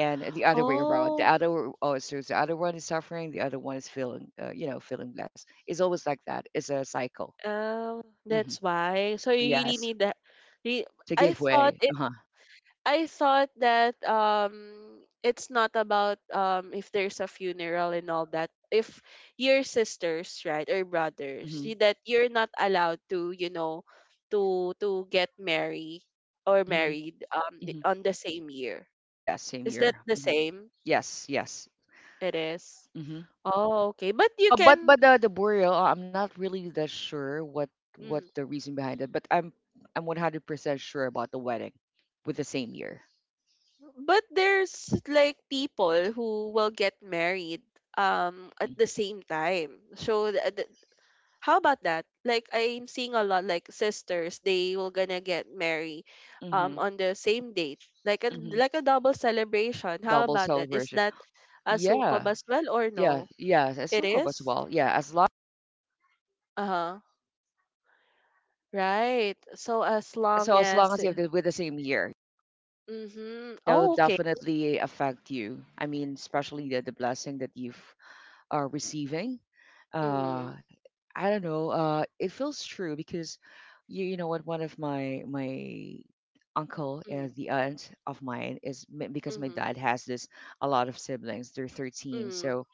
S2: and the other way around. The
S1: Oh,
S2: other, oh, so the other one is suffering, the other one is feeling feeling blessed. It's always like that. It's a cycle. Hmm.
S1: that's why, so you really
S2: Yes,
S1: need that, re-
S2: to
S1: i
S2: give
S1: thought
S2: way.
S1: it
S2: Uh-huh.
S1: I thought that it's not about, if there's a funeral and all that. If your sisters, right, or brothers,
S2: Hmm.
S1: that you're not allowed to, you know, to get married, or
S2: Hmm.
S1: married
S2: Hmm.
S1: on the same year.
S2: Yes, same
S1: Is that
S2: year.
S1: the
S2: Hmm.
S1: same?
S2: Yes, yes.
S1: It is.
S2: Hmm.
S1: Oh, okay. But you
S2: But
S1: can,
S2: but the burial, I'm not really that sure what
S1: mm,
S2: the reason behind it, but I'm 100% sure about the wedding with the same year.
S1: but there's like people who will get married
S2: Hmm.
S1: at the same time. So how about that? Like I'm seeing a lot like sisters, they will gonna get married
S2: Hmm.
S1: on the same date.
S2: Hmm.
S1: Like a double celebration. How
S2: Double
S1: about that? Is
S2: celebration.
S1: that a
S2: Yeah,
S1: sukob as well or
S2: yeah,
S1: no?
S2: yeah. As
S1: It
S2: Sukkot
S1: is?
S2: as well. Yeah, as long
S1: Uh-huh. Right. So as long
S2: so as long
S1: as
S2: as you have with the same year,
S1: mm-hmm.
S2: that will
S1: Oh, okay.
S2: definitely affect you. I mean, especially the blessing that you've are receiving. Uh,
S1: Mm-hmm.
S2: I don't know. It feels true because you know what? One of my uncle and
S1: Mm-hmm.
S2: the aunt of mine is because my
S1: Mm-hmm.
S2: dad has this a lot of siblings. They're 13,
S1: Mm-hmm.
S2: so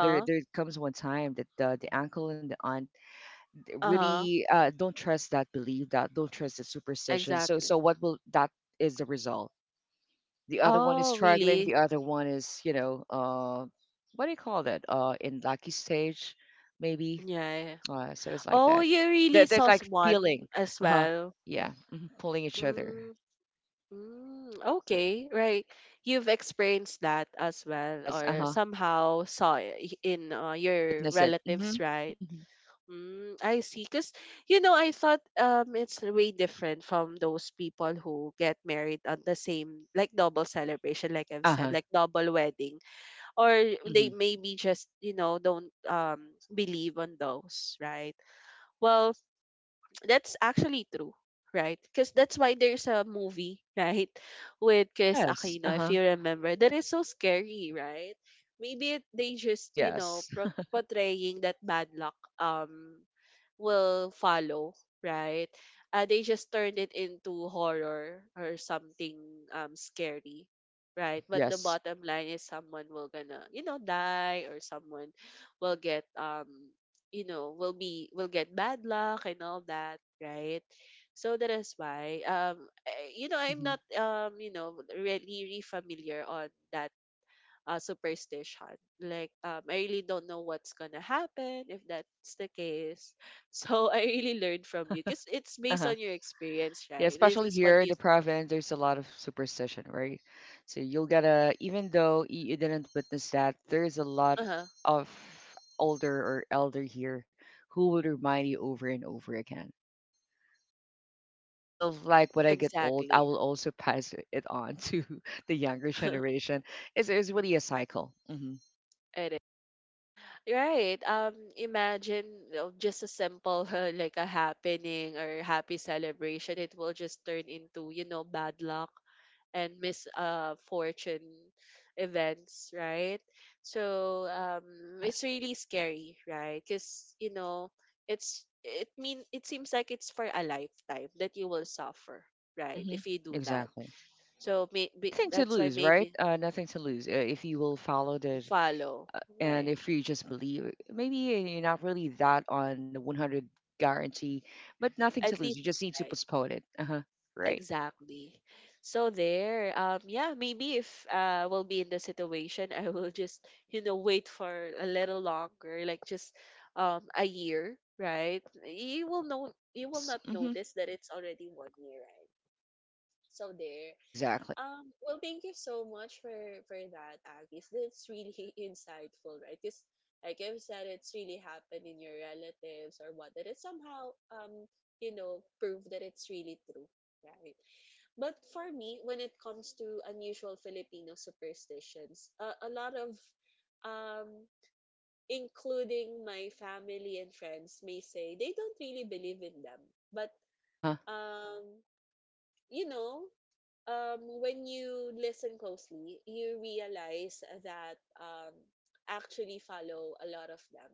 S2: there there comes one time that the uncle and the aunt
S1: Uh-huh.
S2: really don't trust that belief, that don't trust the superstition. So
S1: Exactly.
S2: so what will that is the result? The other one is
S1: Oh,
S2: struggling,
S1: really?
S2: the other one is what do you call that, in lucky stage maybe.
S1: Yeah, yeah, yeah.
S2: So it's like that.
S1: Oh, you
S2: they're,
S1: really
S2: they're
S1: saw
S2: like
S1: one
S2: peeling.
S1: as
S2: Uh-huh.
S1: well.
S2: Yeah. Mhm, pulling each other.
S1: Mm. Mm, okay, right. You've experienced that as well,
S2: Yes.
S1: or
S2: Uh-huh.
S1: somehow saw it in your
S2: Witness it. Mm-hmm,
S1: relatives, right?
S2: mm-hmm.
S1: Mm, I see. Because, you know, I thought it's way different from those people who get married on the same, like double celebration, like I've said,
S2: Uh-huh.
S1: like double wedding. Or
S2: Mm-hmm.
S1: they maybe just, you know, don't believe on those, right? Well, that's actually true, right? Because that's why there's a movie, right, with Chris
S2: Yes.
S1: Aquino, if
S2: Uh-huh.
S1: you remember, that is so scary, right? Maybe they just, you know,
S2: Yes.
S1: portraying that bad luck will follow, right? They just turned it into horror or something scary,
S2: Uh-huh.
S1: right? But the
S2: Yes.
S1: bottom line is someone will gonna, you know, die, or someone will get you know, will be will get bad luck and all that, right? So that is why you know, I'm
S2: Mm-hmm.
S1: not you know, really really familiar on that superstition. Like, I really don't know what's gonna happen if that's the case. So I really learned from you because it's based
S2: Uh-huh.
S1: on your experience,
S2: Yeah,
S1: right? This
S2: especially
S1: is what
S2: here in
S1: you
S2: the
S1: saw.
S2: province, there's a lot of superstition, right? So you'll gotta, even though you didn't witness that, there is a lot
S1: Uh-huh.
S2: of older or elder here who will remind you over and over again. I feel like when I get old, I
S1: Exactly.
S2: will also pass it on to the younger generation. It's really a cycle. Hmm.
S1: It is. Right. Imagine, you know, just a simple like a happening or happy celebration. It will just turn into, you know, bad luck and misfortune events, right? So
S2: Yeah.
S1: it's really scary, right, because you know, it's, it mean, it seems like it's for a lifetime that you will suffer, right,
S2: Hmm.
S1: if you do that.
S2: Exactly.
S1: So
S2: And
S1: maybe
S2: nothing to
S1: that's why,
S2: lose, right?
S1: maybe
S2: Nothing to lose if you will follow the
S1: follow,
S2: and
S1: right,
S2: if you just believe maybe you're not really that on the 100 guarantee, but nothing to
S1: at
S2: lose,
S1: least
S2: you just need to
S1: try.
S2: postpone it. Uh-huh. Right.
S1: Exactly. So there, yeah, maybe if we'll be in the situation, I will just, you know, wait for a little longer, like just a year, right? You will know, you will
S2: Yes.
S1: not
S2: Mm-hmm.
S1: notice that it's already one year, right? So there.
S2: Exactly.
S1: Well, thank you so much for that, Agis. That's really insightful, right? Because like I've said, it's really happened in your relatives or what, that it somehow you know, prove that it's really true, right? But for me, when it comes to unusual Filipino superstitions, a lot of, um, including my family and friends, may say they don't really believe in them. But,
S2: Uh-huh.
S1: um, you know, when you listen closely, you realize that actually follow a lot of them.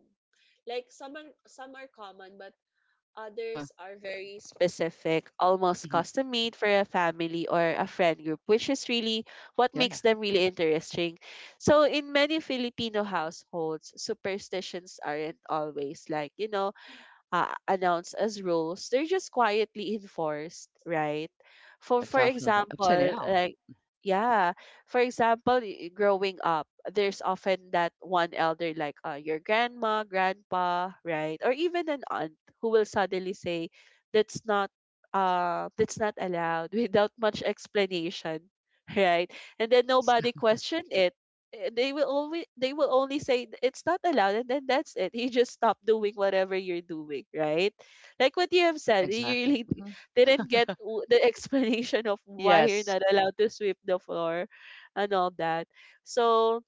S1: Like some are common, but
S2: Uh-huh.
S1: others are very specific, almost
S2: Hmm.
S1: custom made for a family or a friend group, which is really what
S2: Yeah.
S1: makes them really interesting. So, in many Filipino households, superstitions aren't always, like, you know, announced as rules, they're just quietly enforced, right?
S2: Yeah,
S1: For
S2: definitely up to
S1: example,
S2: now.
S1: like yeah, for example, growing up, there's often that one elder like your grandma, grandpa, right? Or even an aunt who will suddenly say that's not, that's not allowed without much explanation, right? And then
S2: Yes.
S1: nobody questioned it. They will always, they will only say, it's not allowed," and then that's it, you just stop doing whatever you're doing, right? Like what you have said, you
S2: Exactly.
S1: really
S2: Hmm.
S1: didn't get the explanation of why you're
S2: Yes.
S1: not allowed to sweep the floor and all that. So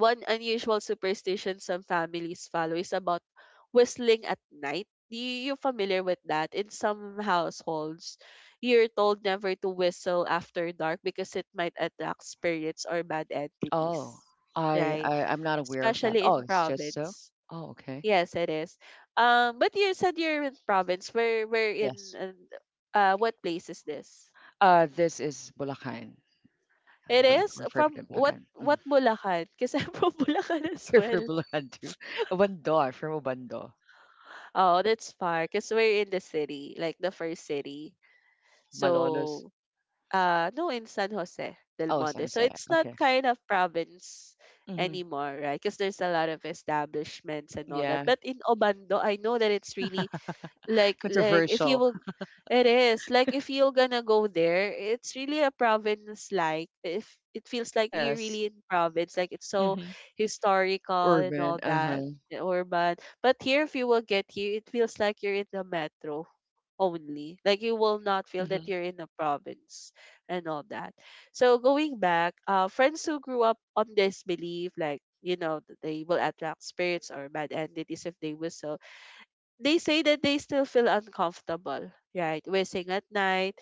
S1: one unusual superstition some families follow is about whistling at night. You familiar with that? In some households, you're told never to whistle after dark because it might attract spirits or bad
S2: Oh,
S1: entities.
S2: I,
S1: Right?
S2: I i'm not aware of that.
S1: Especially
S2: Oh,
S1: in
S2: it's just so.
S1: province.
S2: Oh, okay.
S1: Yes, it is. But you said you're in province. Where
S2: Yes.
S1: what place is this?
S2: This is Bulacan.
S1: It
S2: Bulacan,
S1: is
S2: refer
S1: from
S2: to
S1: what
S2: Bulacan. Mhm.
S1: what Bulacan? Because I'm from Bulacan as
S2: You're from
S1: well.
S2: Bulacan too. Bando, I'm from Bando.
S1: Oh, that's far because we're in the city, like the first city.
S2: Malolos.
S1: So, no, in San Jose del
S2: Oh, San
S1: Monte. So
S2: Jose.
S1: it's not
S2: Okay.
S1: kind of province
S2: Hmm.
S1: anymore, right? Because there's a lot of establishments and all that.
S2: Yeah.
S1: But in Obando, I know that it's really like if you
S2: Controversial.
S1: will it is like if you're gonna go there, it's really a province, like if it feels like you're
S2: Yes.
S1: really in province, like it's so
S2: Hmm.
S1: historical and
S2: Urban.
S1: all
S2: Uh
S1: that.
S2: huh.
S1: Urban. But here if you will get here, it feels like you're in the metro only, like you will not feel that
S2: Hmm.
S1: you're in a province and all that. So going back, friends who grew up on this belief, like you know that they will attract spirits or bad entities if they whistle, they say that they still feel uncomfortable, right? Whistling at night,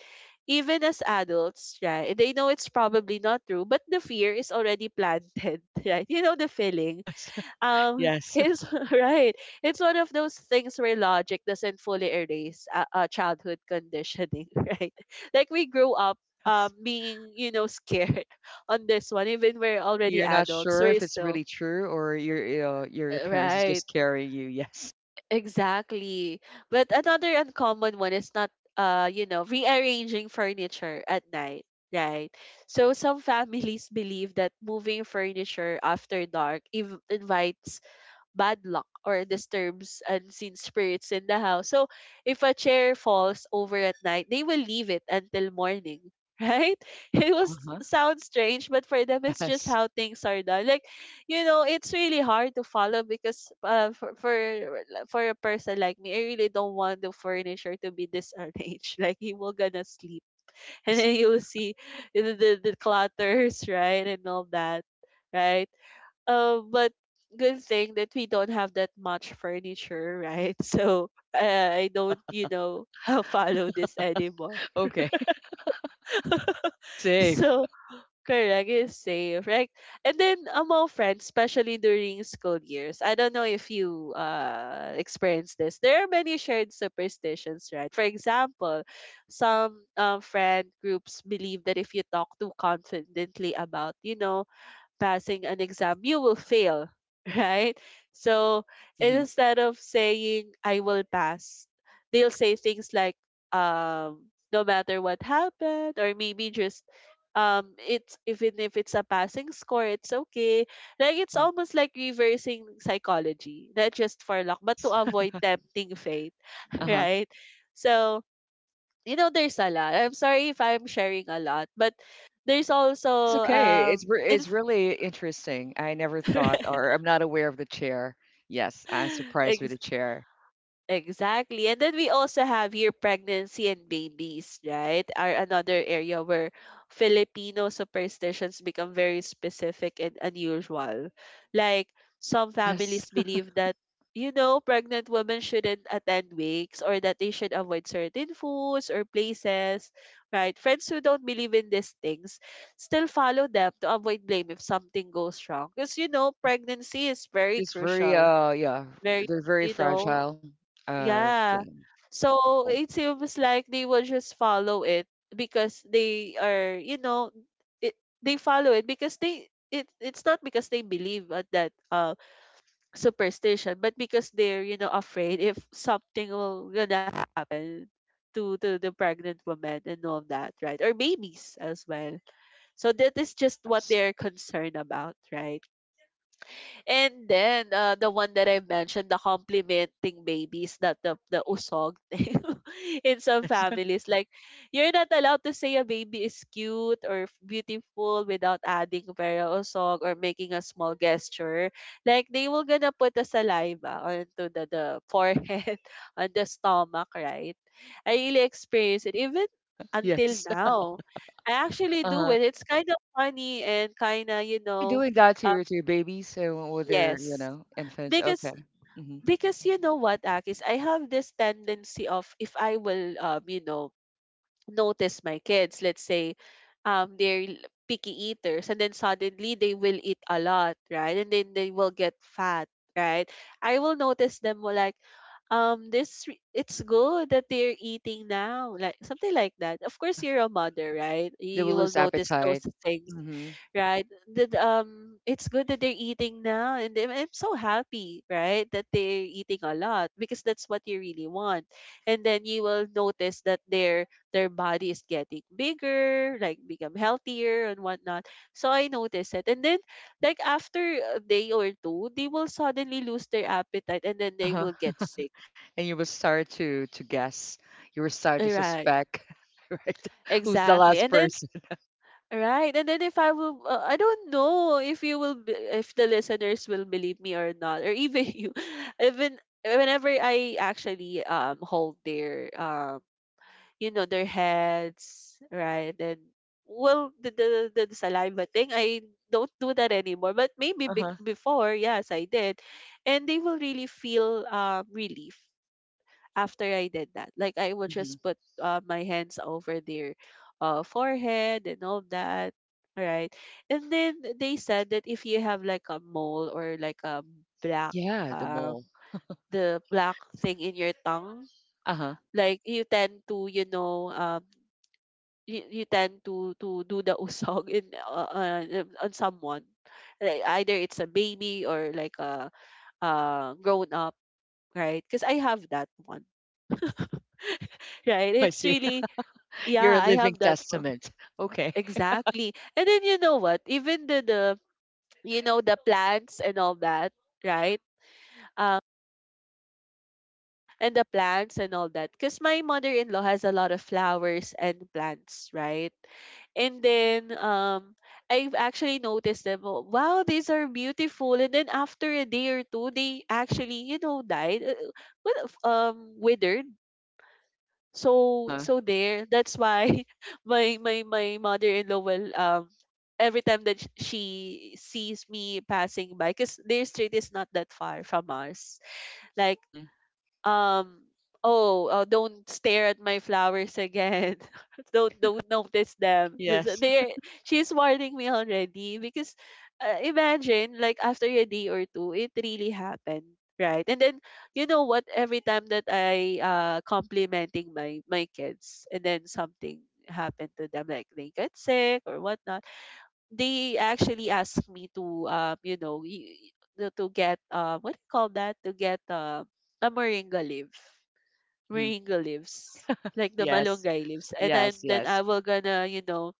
S1: even as adults, right? They know it's probably not true, but the fear is already planted, right? You know the feeling.
S2: Yes. Yes.
S1: It's right. It's one of those things where logic doesn't fully erase childhood conditioning, right? Like we grew up. Being scared on this one, even we're already
S2: You're not
S1: adults,
S2: sure if
S1: we're
S2: it's
S1: still,
S2: really true or your parents is
S1: right.
S2: just carrying you. Yes.
S1: Exactly. But another uncommon one is not, rearranging furniture at night, right? So some families believe that moving furniture after dark invites bad luck or disturbs unseen spirits in the house. So if a chair falls over at night, they will leave it until morning. Right? It was
S2: Uh huh.
S1: sounds strange, but for them it's just
S2: Yes.
S1: how things are done. Like, you know, it's really hard to follow because for a person like me, I really don't want the furniture to be disarranged. Like he will gonna sleep, and
S2: Yes.
S1: then you will see the clutters, right, and all that, right? But good thing that we don't have that much furniture, right? So, I don't, follow this anymore.
S2: Okay. You're safe.
S1: So correct is safe, right? And then among friends, especially during school years, I don't know if you experience this. There are many shared superstitions, right? For example, some friend groups believe that if you talk too confidently about, passing an exam, you will fail, right? So
S2: Hmm.
S1: instead of saying, I will pass, they'll say things like, um, no matter what happened, or maybe just, it's, even if it's a passing score, it's okay. Like it's
S2: Hmm.
S1: almost like reversing psychology, not just for luck, but to
S2: Yes.
S1: avoid tempting fate,
S2: Uh huh.
S1: right? So, there's a lot. I'm sorry if I'm sharing a lot, but there's
S2: Oh, it's
S1: also,
S2: okay.
S1: um in
S2: It's really interesting. I never thought, or I'm not aware of the chair. Yes, I'm surprised with the
S1: Ex-
S2: chair.
S1: exactly. And then we also have here pregnancy and babies, right? Are another area where Filipino superstitions become very specific and unusual. Like some
S2: Yes.
S1: families believe that pregnant women shouldn't attend wakes or that they should avoid certain foods or places, right? Friends who don't believe in these things still follow them to avoid blame if something goes wrong. Because, pregnancy is very
S2: It's very
S1: crucial,
S2: yeah,
S1: very,
S2: they're very
S1: you know,
S2: fragile. Yeah.
S1: yeah. So
S2: Well,
S1: it seems like they will just follow it because they are, it, they follow it because they it it's not because they believe at that superstition, but because they're, afraid if something will gonna happen to the pregnant woman and all that, right? Or babies as well. So that is just what
S2: yes.
S1: they're concerned about, right? And then the one that I mentioned, the complimenting babies, that the usog thing in some families, like you're not allowed to say a baby is cute or beautiful without adding para usog or making a small gesture. Like they will gonna put a saliva onto the forehead, on the stomach, right? I really experienced it even
S2: Yes.
S1: until now. I actually do
S2: Uh-huh.
S1: it. It's kind of funny and kind of you
S2: Are you
S1: know.
S2: doing that to
S1: uh,
S2: your babies, with their, you
S1: Yes.
S2: know, infants?
S1: Because
S2: Okay. Mm-hmm.
S1: you know what, Akis, I have this tendency of if I will notice my kids. Let's say, they're picky eaters, and then suddenly they will eat a lot, right? And then they will get fat, right? I will notice them more like, it's good that they're eating now, like something like that. Of
S2: Huh.
S1: course, you're a mother, right?
S2: They will
S1: You will
S2: lose
S1: notice those
S2: appetite.
S1: things,
S2: Mm-hmm.
S1: right? That, it's good that they're eating now, and I'm so happy, right, that they're eating a lot because that's what you really want. And then you will notice that they're their body is getting bigger, like become healthier and whatnot. So I noticed it. And then like after a day or two, they will suddenly lose their appetite and then they
S2: Uh-huh.
S1: will get sick.
S2: And you will start to guess. You will start to
S1: Right.
S2: suspect, right? Who's the
S1: Exactly.
S2: last
S1: And then
S2: person?
S1: Right. And then if I will, I don't know if you will, if the listeners will believe me or not, or even you, even whenever I actually hold their heads, right, and well, the saliva thing, I don't do that anymore, but maybe bec
S2: Uh-huh.
S1: before, yes, I did. And they will really feel relief after I did that. Like I will
S2: Mm-hmm.
S1: just put, my hands over their, forehead and all that, right. And then they said that if you have like a mole or like a black
S2: Yeah, the
S1: um
S2: mole.
S1: the black thing in your tongue,
S2: Uh-huh.
S1: like you tend to you tend to do the usog in on someone, like either it's a baby or like a grown up, right, because I have that one,
S2: Oh,
S1: right,
S2: I
S1: it's
S2: see.
S1: really, yeah,
S2: You're a
S1: I
S2: living
S1: have that one.
S2: testament. Okay.
S1: Exactly. And then you know what, even the you know the plants and all that, right. Uh, and the plants and all that. Because my mother-in-law has a lot of flowers and plants, right? And then, I've actually noticed them. Oh, wow, these are beautiful. And then after a day or two, they actually, died. What if, withered. So
S2: Uh-huh.
S1: so there. That's why my mother-in-law will, every time that she sees me passing by, because their street is not that far from us. Like,
S2: Mm-hmm.
S1: um oh, don't stare at my flowers again, don't notice them. This-
S2: Yes.
S1: they She's warning me already because, imagine like after a day or two it really happened, right? And then you know what, every time that I, complimenting my kids and then something happened to them, like they get sick or whatnot, they actually asked me to to get, what do you call that, to get, a moringa leaf,
S2: Mm-hmm.
S1: moringa leaves, like the
S2: Yes.
S1: malunggay leaves, and then
S2: Yes,
S1: then
S2: yes.
S1: I will gonna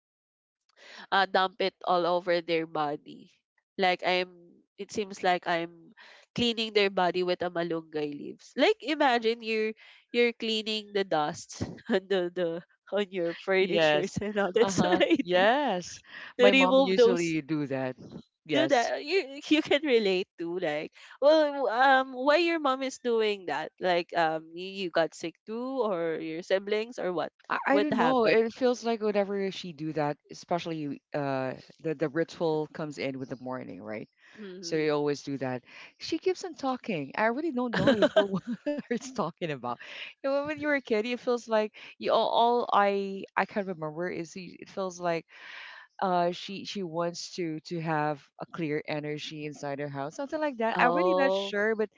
S1: dump it all over their body, like I'm it seems like I'm cleaning their body with a malunggay leaves, like imagine you're cleaning the dust on the on your furnitures
S2: Yes.
S1: and all that's what
S2: Uh-huh.
S1: I do
S2: Yes.
S1: to
S2: My mom
S1: remove those.
S2: usually do that.
S1: Do
S2: Yes.
S1: that, you can relate to? Like, well, why your mom is doing that, like, you got sick too, or your siblings, or what
S2: I
S1: what
S2: don't know.
S1: happened?
S2: It feels like whenever she do that, especially the ritual comes in with the morning, right? So
S1: Hmm.
S2: you always do that. She keeps on talking. I really don't know if what what it's talking about. You know, when you were a kid, it feels like you all, I can remember is you- it feels like she wants to have a clear energy inside her house, something like that. I'm really not
S1: Oh,
S2: sure, but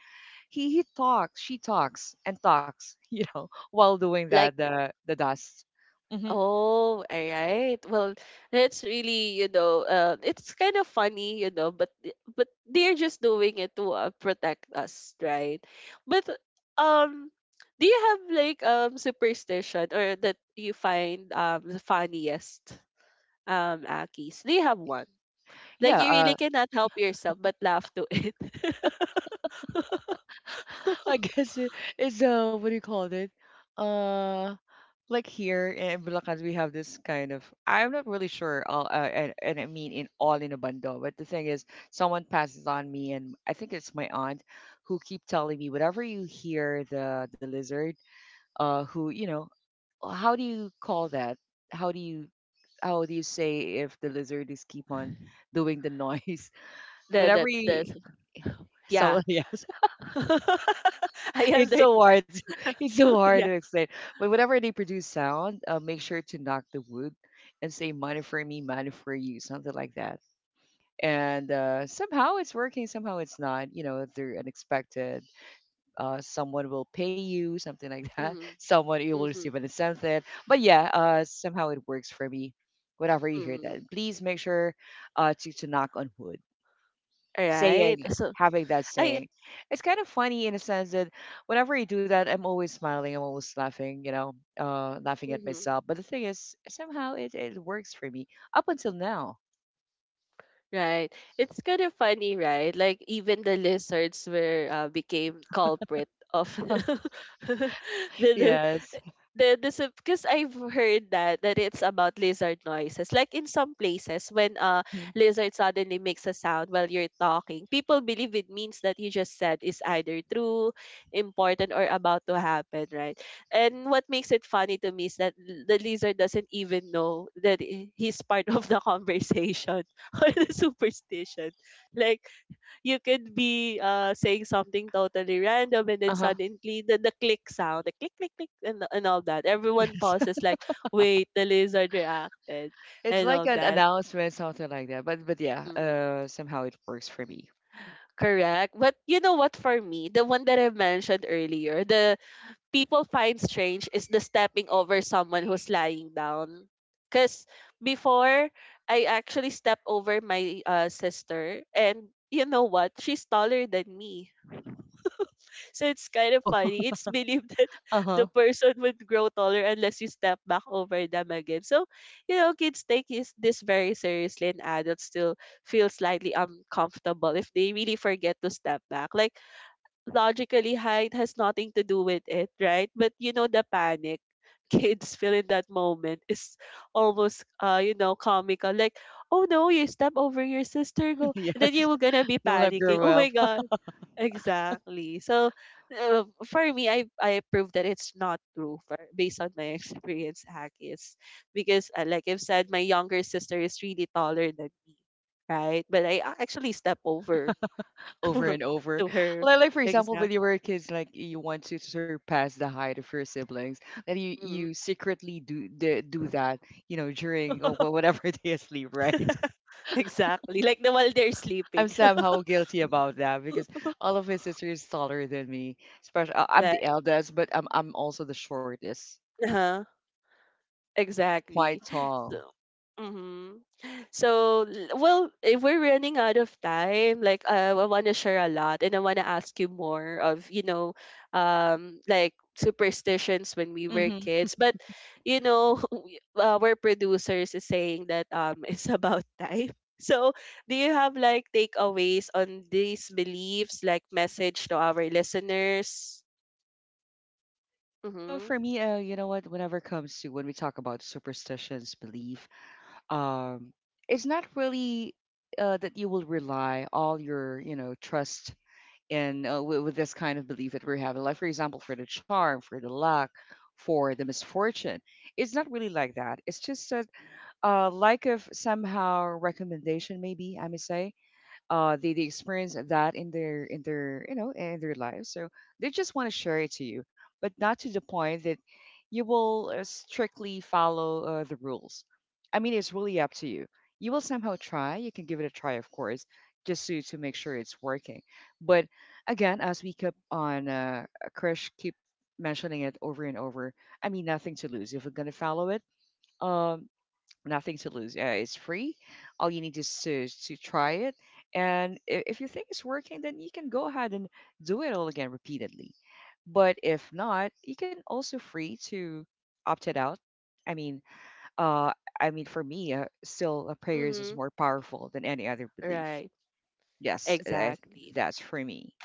S2: he talks, she talks and talks, you know, while doing that,
S1: like,
S2: the dust. Hmm.
S1: oh, all right. Well, that's really, it's kind of funny, you know, but but they're just doing it to, protect us, right? But, um, do you have like, superstition or that you find, the funniest, Akis? Do you have one? Like
S2: Yeah.
S1: you really cannot help yourself but laugh to it.
S2: I guess it's what do you call it, uh like here in Bulacan, we have this kind of, I'm not really sure all and I mean in all in a bundle. But the thing is, someone passes on me, and I think it's my aunt who keep telling me whatever you hear the lizard, who you know, how do you call that, how do you, how do you say if the lizard is keep on doing the noise, whenever you
S1: The yeah.
S2: someone. Yes,
S1: I
S2: it's
S1: under
S2: so hard to- it's so hard to
S1: yeah.
S2: explain. But whenever they produce sound, make sure to knock the wood and say money for me, money for you, something like that. And somehow it's working, somehow it's not, you know, they're unexpected. Someone will pay you, something like that.
S1: Mm,
S2: Someone, you will
S1: mm-hmm,
S2: receive an incentive. But yeah, somehow it works for me. Whenever you hear
S1: mm-hmm.
S2: that, please make sure to knock on wood.
S1: Right.
S2: Saying
S1: So
S2: Having that
S1: I
S2: saying, it's kind of funny in a sense that whenever I do that, I'm always smiling, I'm always laughing, you know, laughing at
S1: mhm,
S2: myself. But the thing is, somehow it works for me up until now.
S1: right. It's kind of funny, right? Like even the lizards were, became culprit of the, the
S2: Yes.
S1: the because I've heard that that it's about lizard noises. Like in some places, when a
S2: Hmm.
S1: lizard suddenly makes a sound while you're talking, people believe it means that you just said is either true, important, or about to happen, right? And what makes it funny to me is that the lizard doesn't even know that he's part of the conversation or the superstition. Like you could be saying something totally random, and then
S2: Uh huh.
S1: suddenly the click sound, the click click click, and all that. Everyone
S2: Yes.
S1: pauses like, wait, the lizard reacted
S2: It's
S1: and
S2: like
S1: all
S2: an
S1: that.
S2: announcement, something like that. But yeah,
S1: Mhm.
S2: somehow it works for me.
S1: Correct. But you know what, for me, the one that I mentioned earlier, the people find strange is the stepping over someone who's lying down. Cause before I actually stepped over my, sister, and you know what? She's taller than me. So it's kind of
S2: Oh,
S1: funny. It's believed that
S2: uh-huh.
S1: the person would grow taller unless you step back over them again. So, you know, kids this very seriously and adults still feel slightly uncomfortable if they really forget to step back. Like, logically, height has nothing to do with it, right? But, you know, the panic kids feel in
S2: Yes,
S1: that moment is almost comical. Like, oh no, you step over your sister go and then you
S2: yes.
S1: were gonna be
S2: You want to
S1: panicking,
S2: grow
S1: oh
S2: up.
S1: my god. Exactly. So for me, I prove that it's not true for, based on my experience, Akis. Because like I've said, my younger sister is really taller than me, right? But actually step over
S2: Over and over.
S1: to her.
S2: Like for example, when
S1: Exact.
S2: you were kids, like you want to surpass the height of your siblings, and you
S1: Mm.
S2: you secretly do that, you know, during or wh- whatever they sleep, right?
S1: Exactly. Like the while they're sleeping.
S2: I'm somehow guilty about that because all of my sisters taller than me. Especially, I'm
S1: Like,
S2: the eldest, but I'm also the shortest.
S1: huh?
S2: They're
S1: Exactly.
S2: quite
S1: So,
S2: tall.
S1: mhm. So, well, if we're running out of time, like I want to share a lot and I want to ask you more of, you know, like superstitions when we were kids. But, you know, our producers is saying that it's about time. So, do you have like takeaways on these beliefs, like message to our listeners? Mm-hmm.
S2: For me, you know what? Whenever it comes to when we talk about superstitions, belief, um, it's not really that you will rely all your, you know, trust in with this kind of belief that we have in life. For example, for the charm, for the luck, for the misfortune, it's not really like that. It's just a like of somehow recommendation, maybe I may say. They experience that in their you know in their lives, so they just want to share it to you, but not to the point that you will strictly follow the rules. I mean, it's really up to you. You will somehow try, you can give it a try, of course, just to make sure it's working. But again, as we keep on Krish keep mentioning it over and over. I mean, nothing to lose if we're going to follow it. um Nothing to lose. It's free. All you need is to try it. And if you think it's working, then you can go ahead and do it all again repeatedly. But if not, you can also free to opt it out. I mean, uh, I mean, for me, still, prayers is
S1: Mm-hmm.
S2: more powerful than any other belief.
S1: Right.
S2: Yes, I,
S1: Exactly.
S2: that's for me.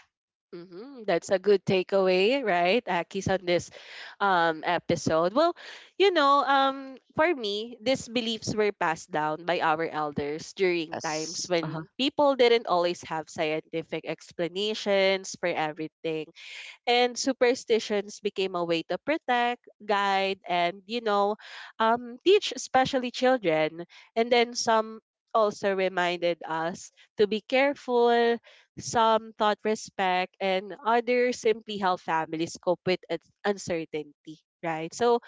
S1: Hmm, that's a good takeaway, right, Akis, on this episode. Well, you know, for me, these beliefs were passed down by our elders during times
S2: Yes, uh-huh,
S1: when people didn't always have scientific explanations for everything, and superstitions became a way to protect, guide, and, you know, teach especially children. And then some also reminded us to be careful. Some taught respect, and others simply help families cope with uncertainty. Right. So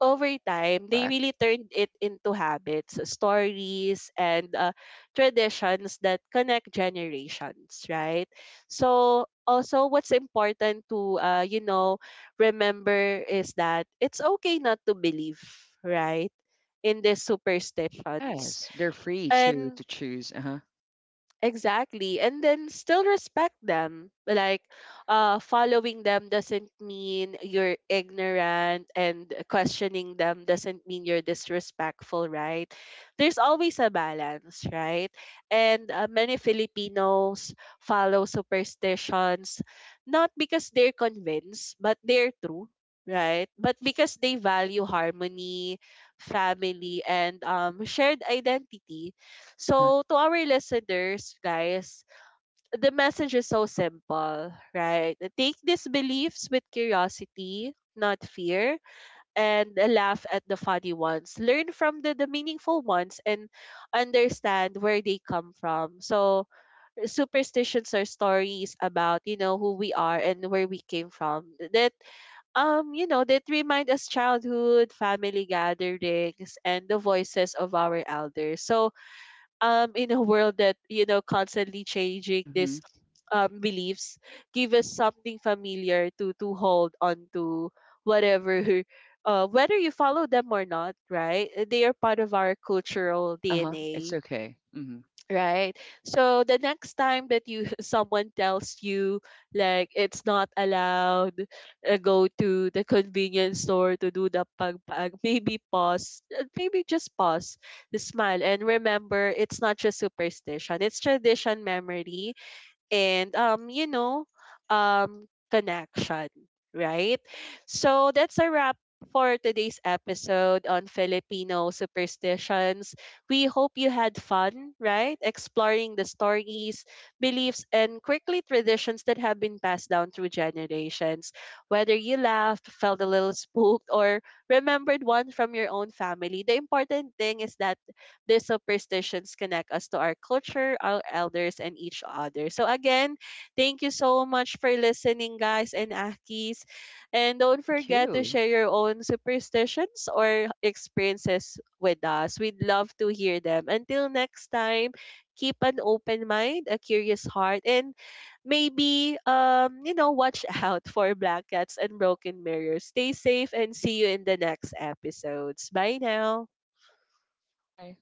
S1: over time, they
S2: correct.
S1: really turned it into habits, stories, and traditions that connect generations, right? So, also, what's important to, you know, remember is that it's okay not to believe, right? In these superstitions.
S2: Yes, they're free
S1: And
S2: to choose. Uh-huh,
S1: exactly. And then still respect them. Like, following them doesn't mean you're ignorant, and questioning them doesn't mean you're disrespectful, right? There's always a balance, right? And many Filipinos follow superstitions not because they're convinced, but they're true. Right, but because they value harmony, family, and shared identity,
S2: uh-huh.
S1: so, to our listeners, guys, the message is so simple, right? Take these beliefs with curiosity, not fear, and laugh at the funny ones. Learn from the meaningful ones and understand where they come from. So, superstitions are stories about, you know, who we are and where we came from. That, you know, that remind us childhood, family gatherings, and the voices of our elders. So, in a world that, you know, constantly changing,
S2: Mm-hmm.
S1: this beliefs give us something familiar to hold on to, whatever whether you follow them or not, right? They are
S2: Yes,
S1: part of our
S2: okay.
S1: cultural
S2: Uh-huh, it's
S1: DNA,
S2: okay. Mm-hmm.
S1: right? So the next time that you someone tells you like it's not allowed, go to the convenience store to do the pagpag, maybe pause, maybe just pause, smile, and remember it's not just superstition; it's tradition, memory, and, connection, right? So that's a wrap for today's episode on Filipino superstitions. We hope you had fun, right? Exploring the stories, beliefs, and quickly traditions that have been passed down through generations. Whether you laughed, felt a little spooked, or remembered one from your own family, the important thing is that these superstitions connect us to our culture, our elders, and each other. So again, thank you so much for listening, guys, and Akis. And don't
S2: Thank
S1: forget to
S2: you.
S1: share your own superstitions or experiences with us. We'd love to hear them. Until next time, keep an open mind, a curious heart, and maybe watch out for black cats and broken mirrors. Stay safe and see you in the next episodes. Bye now.
S2: Bye.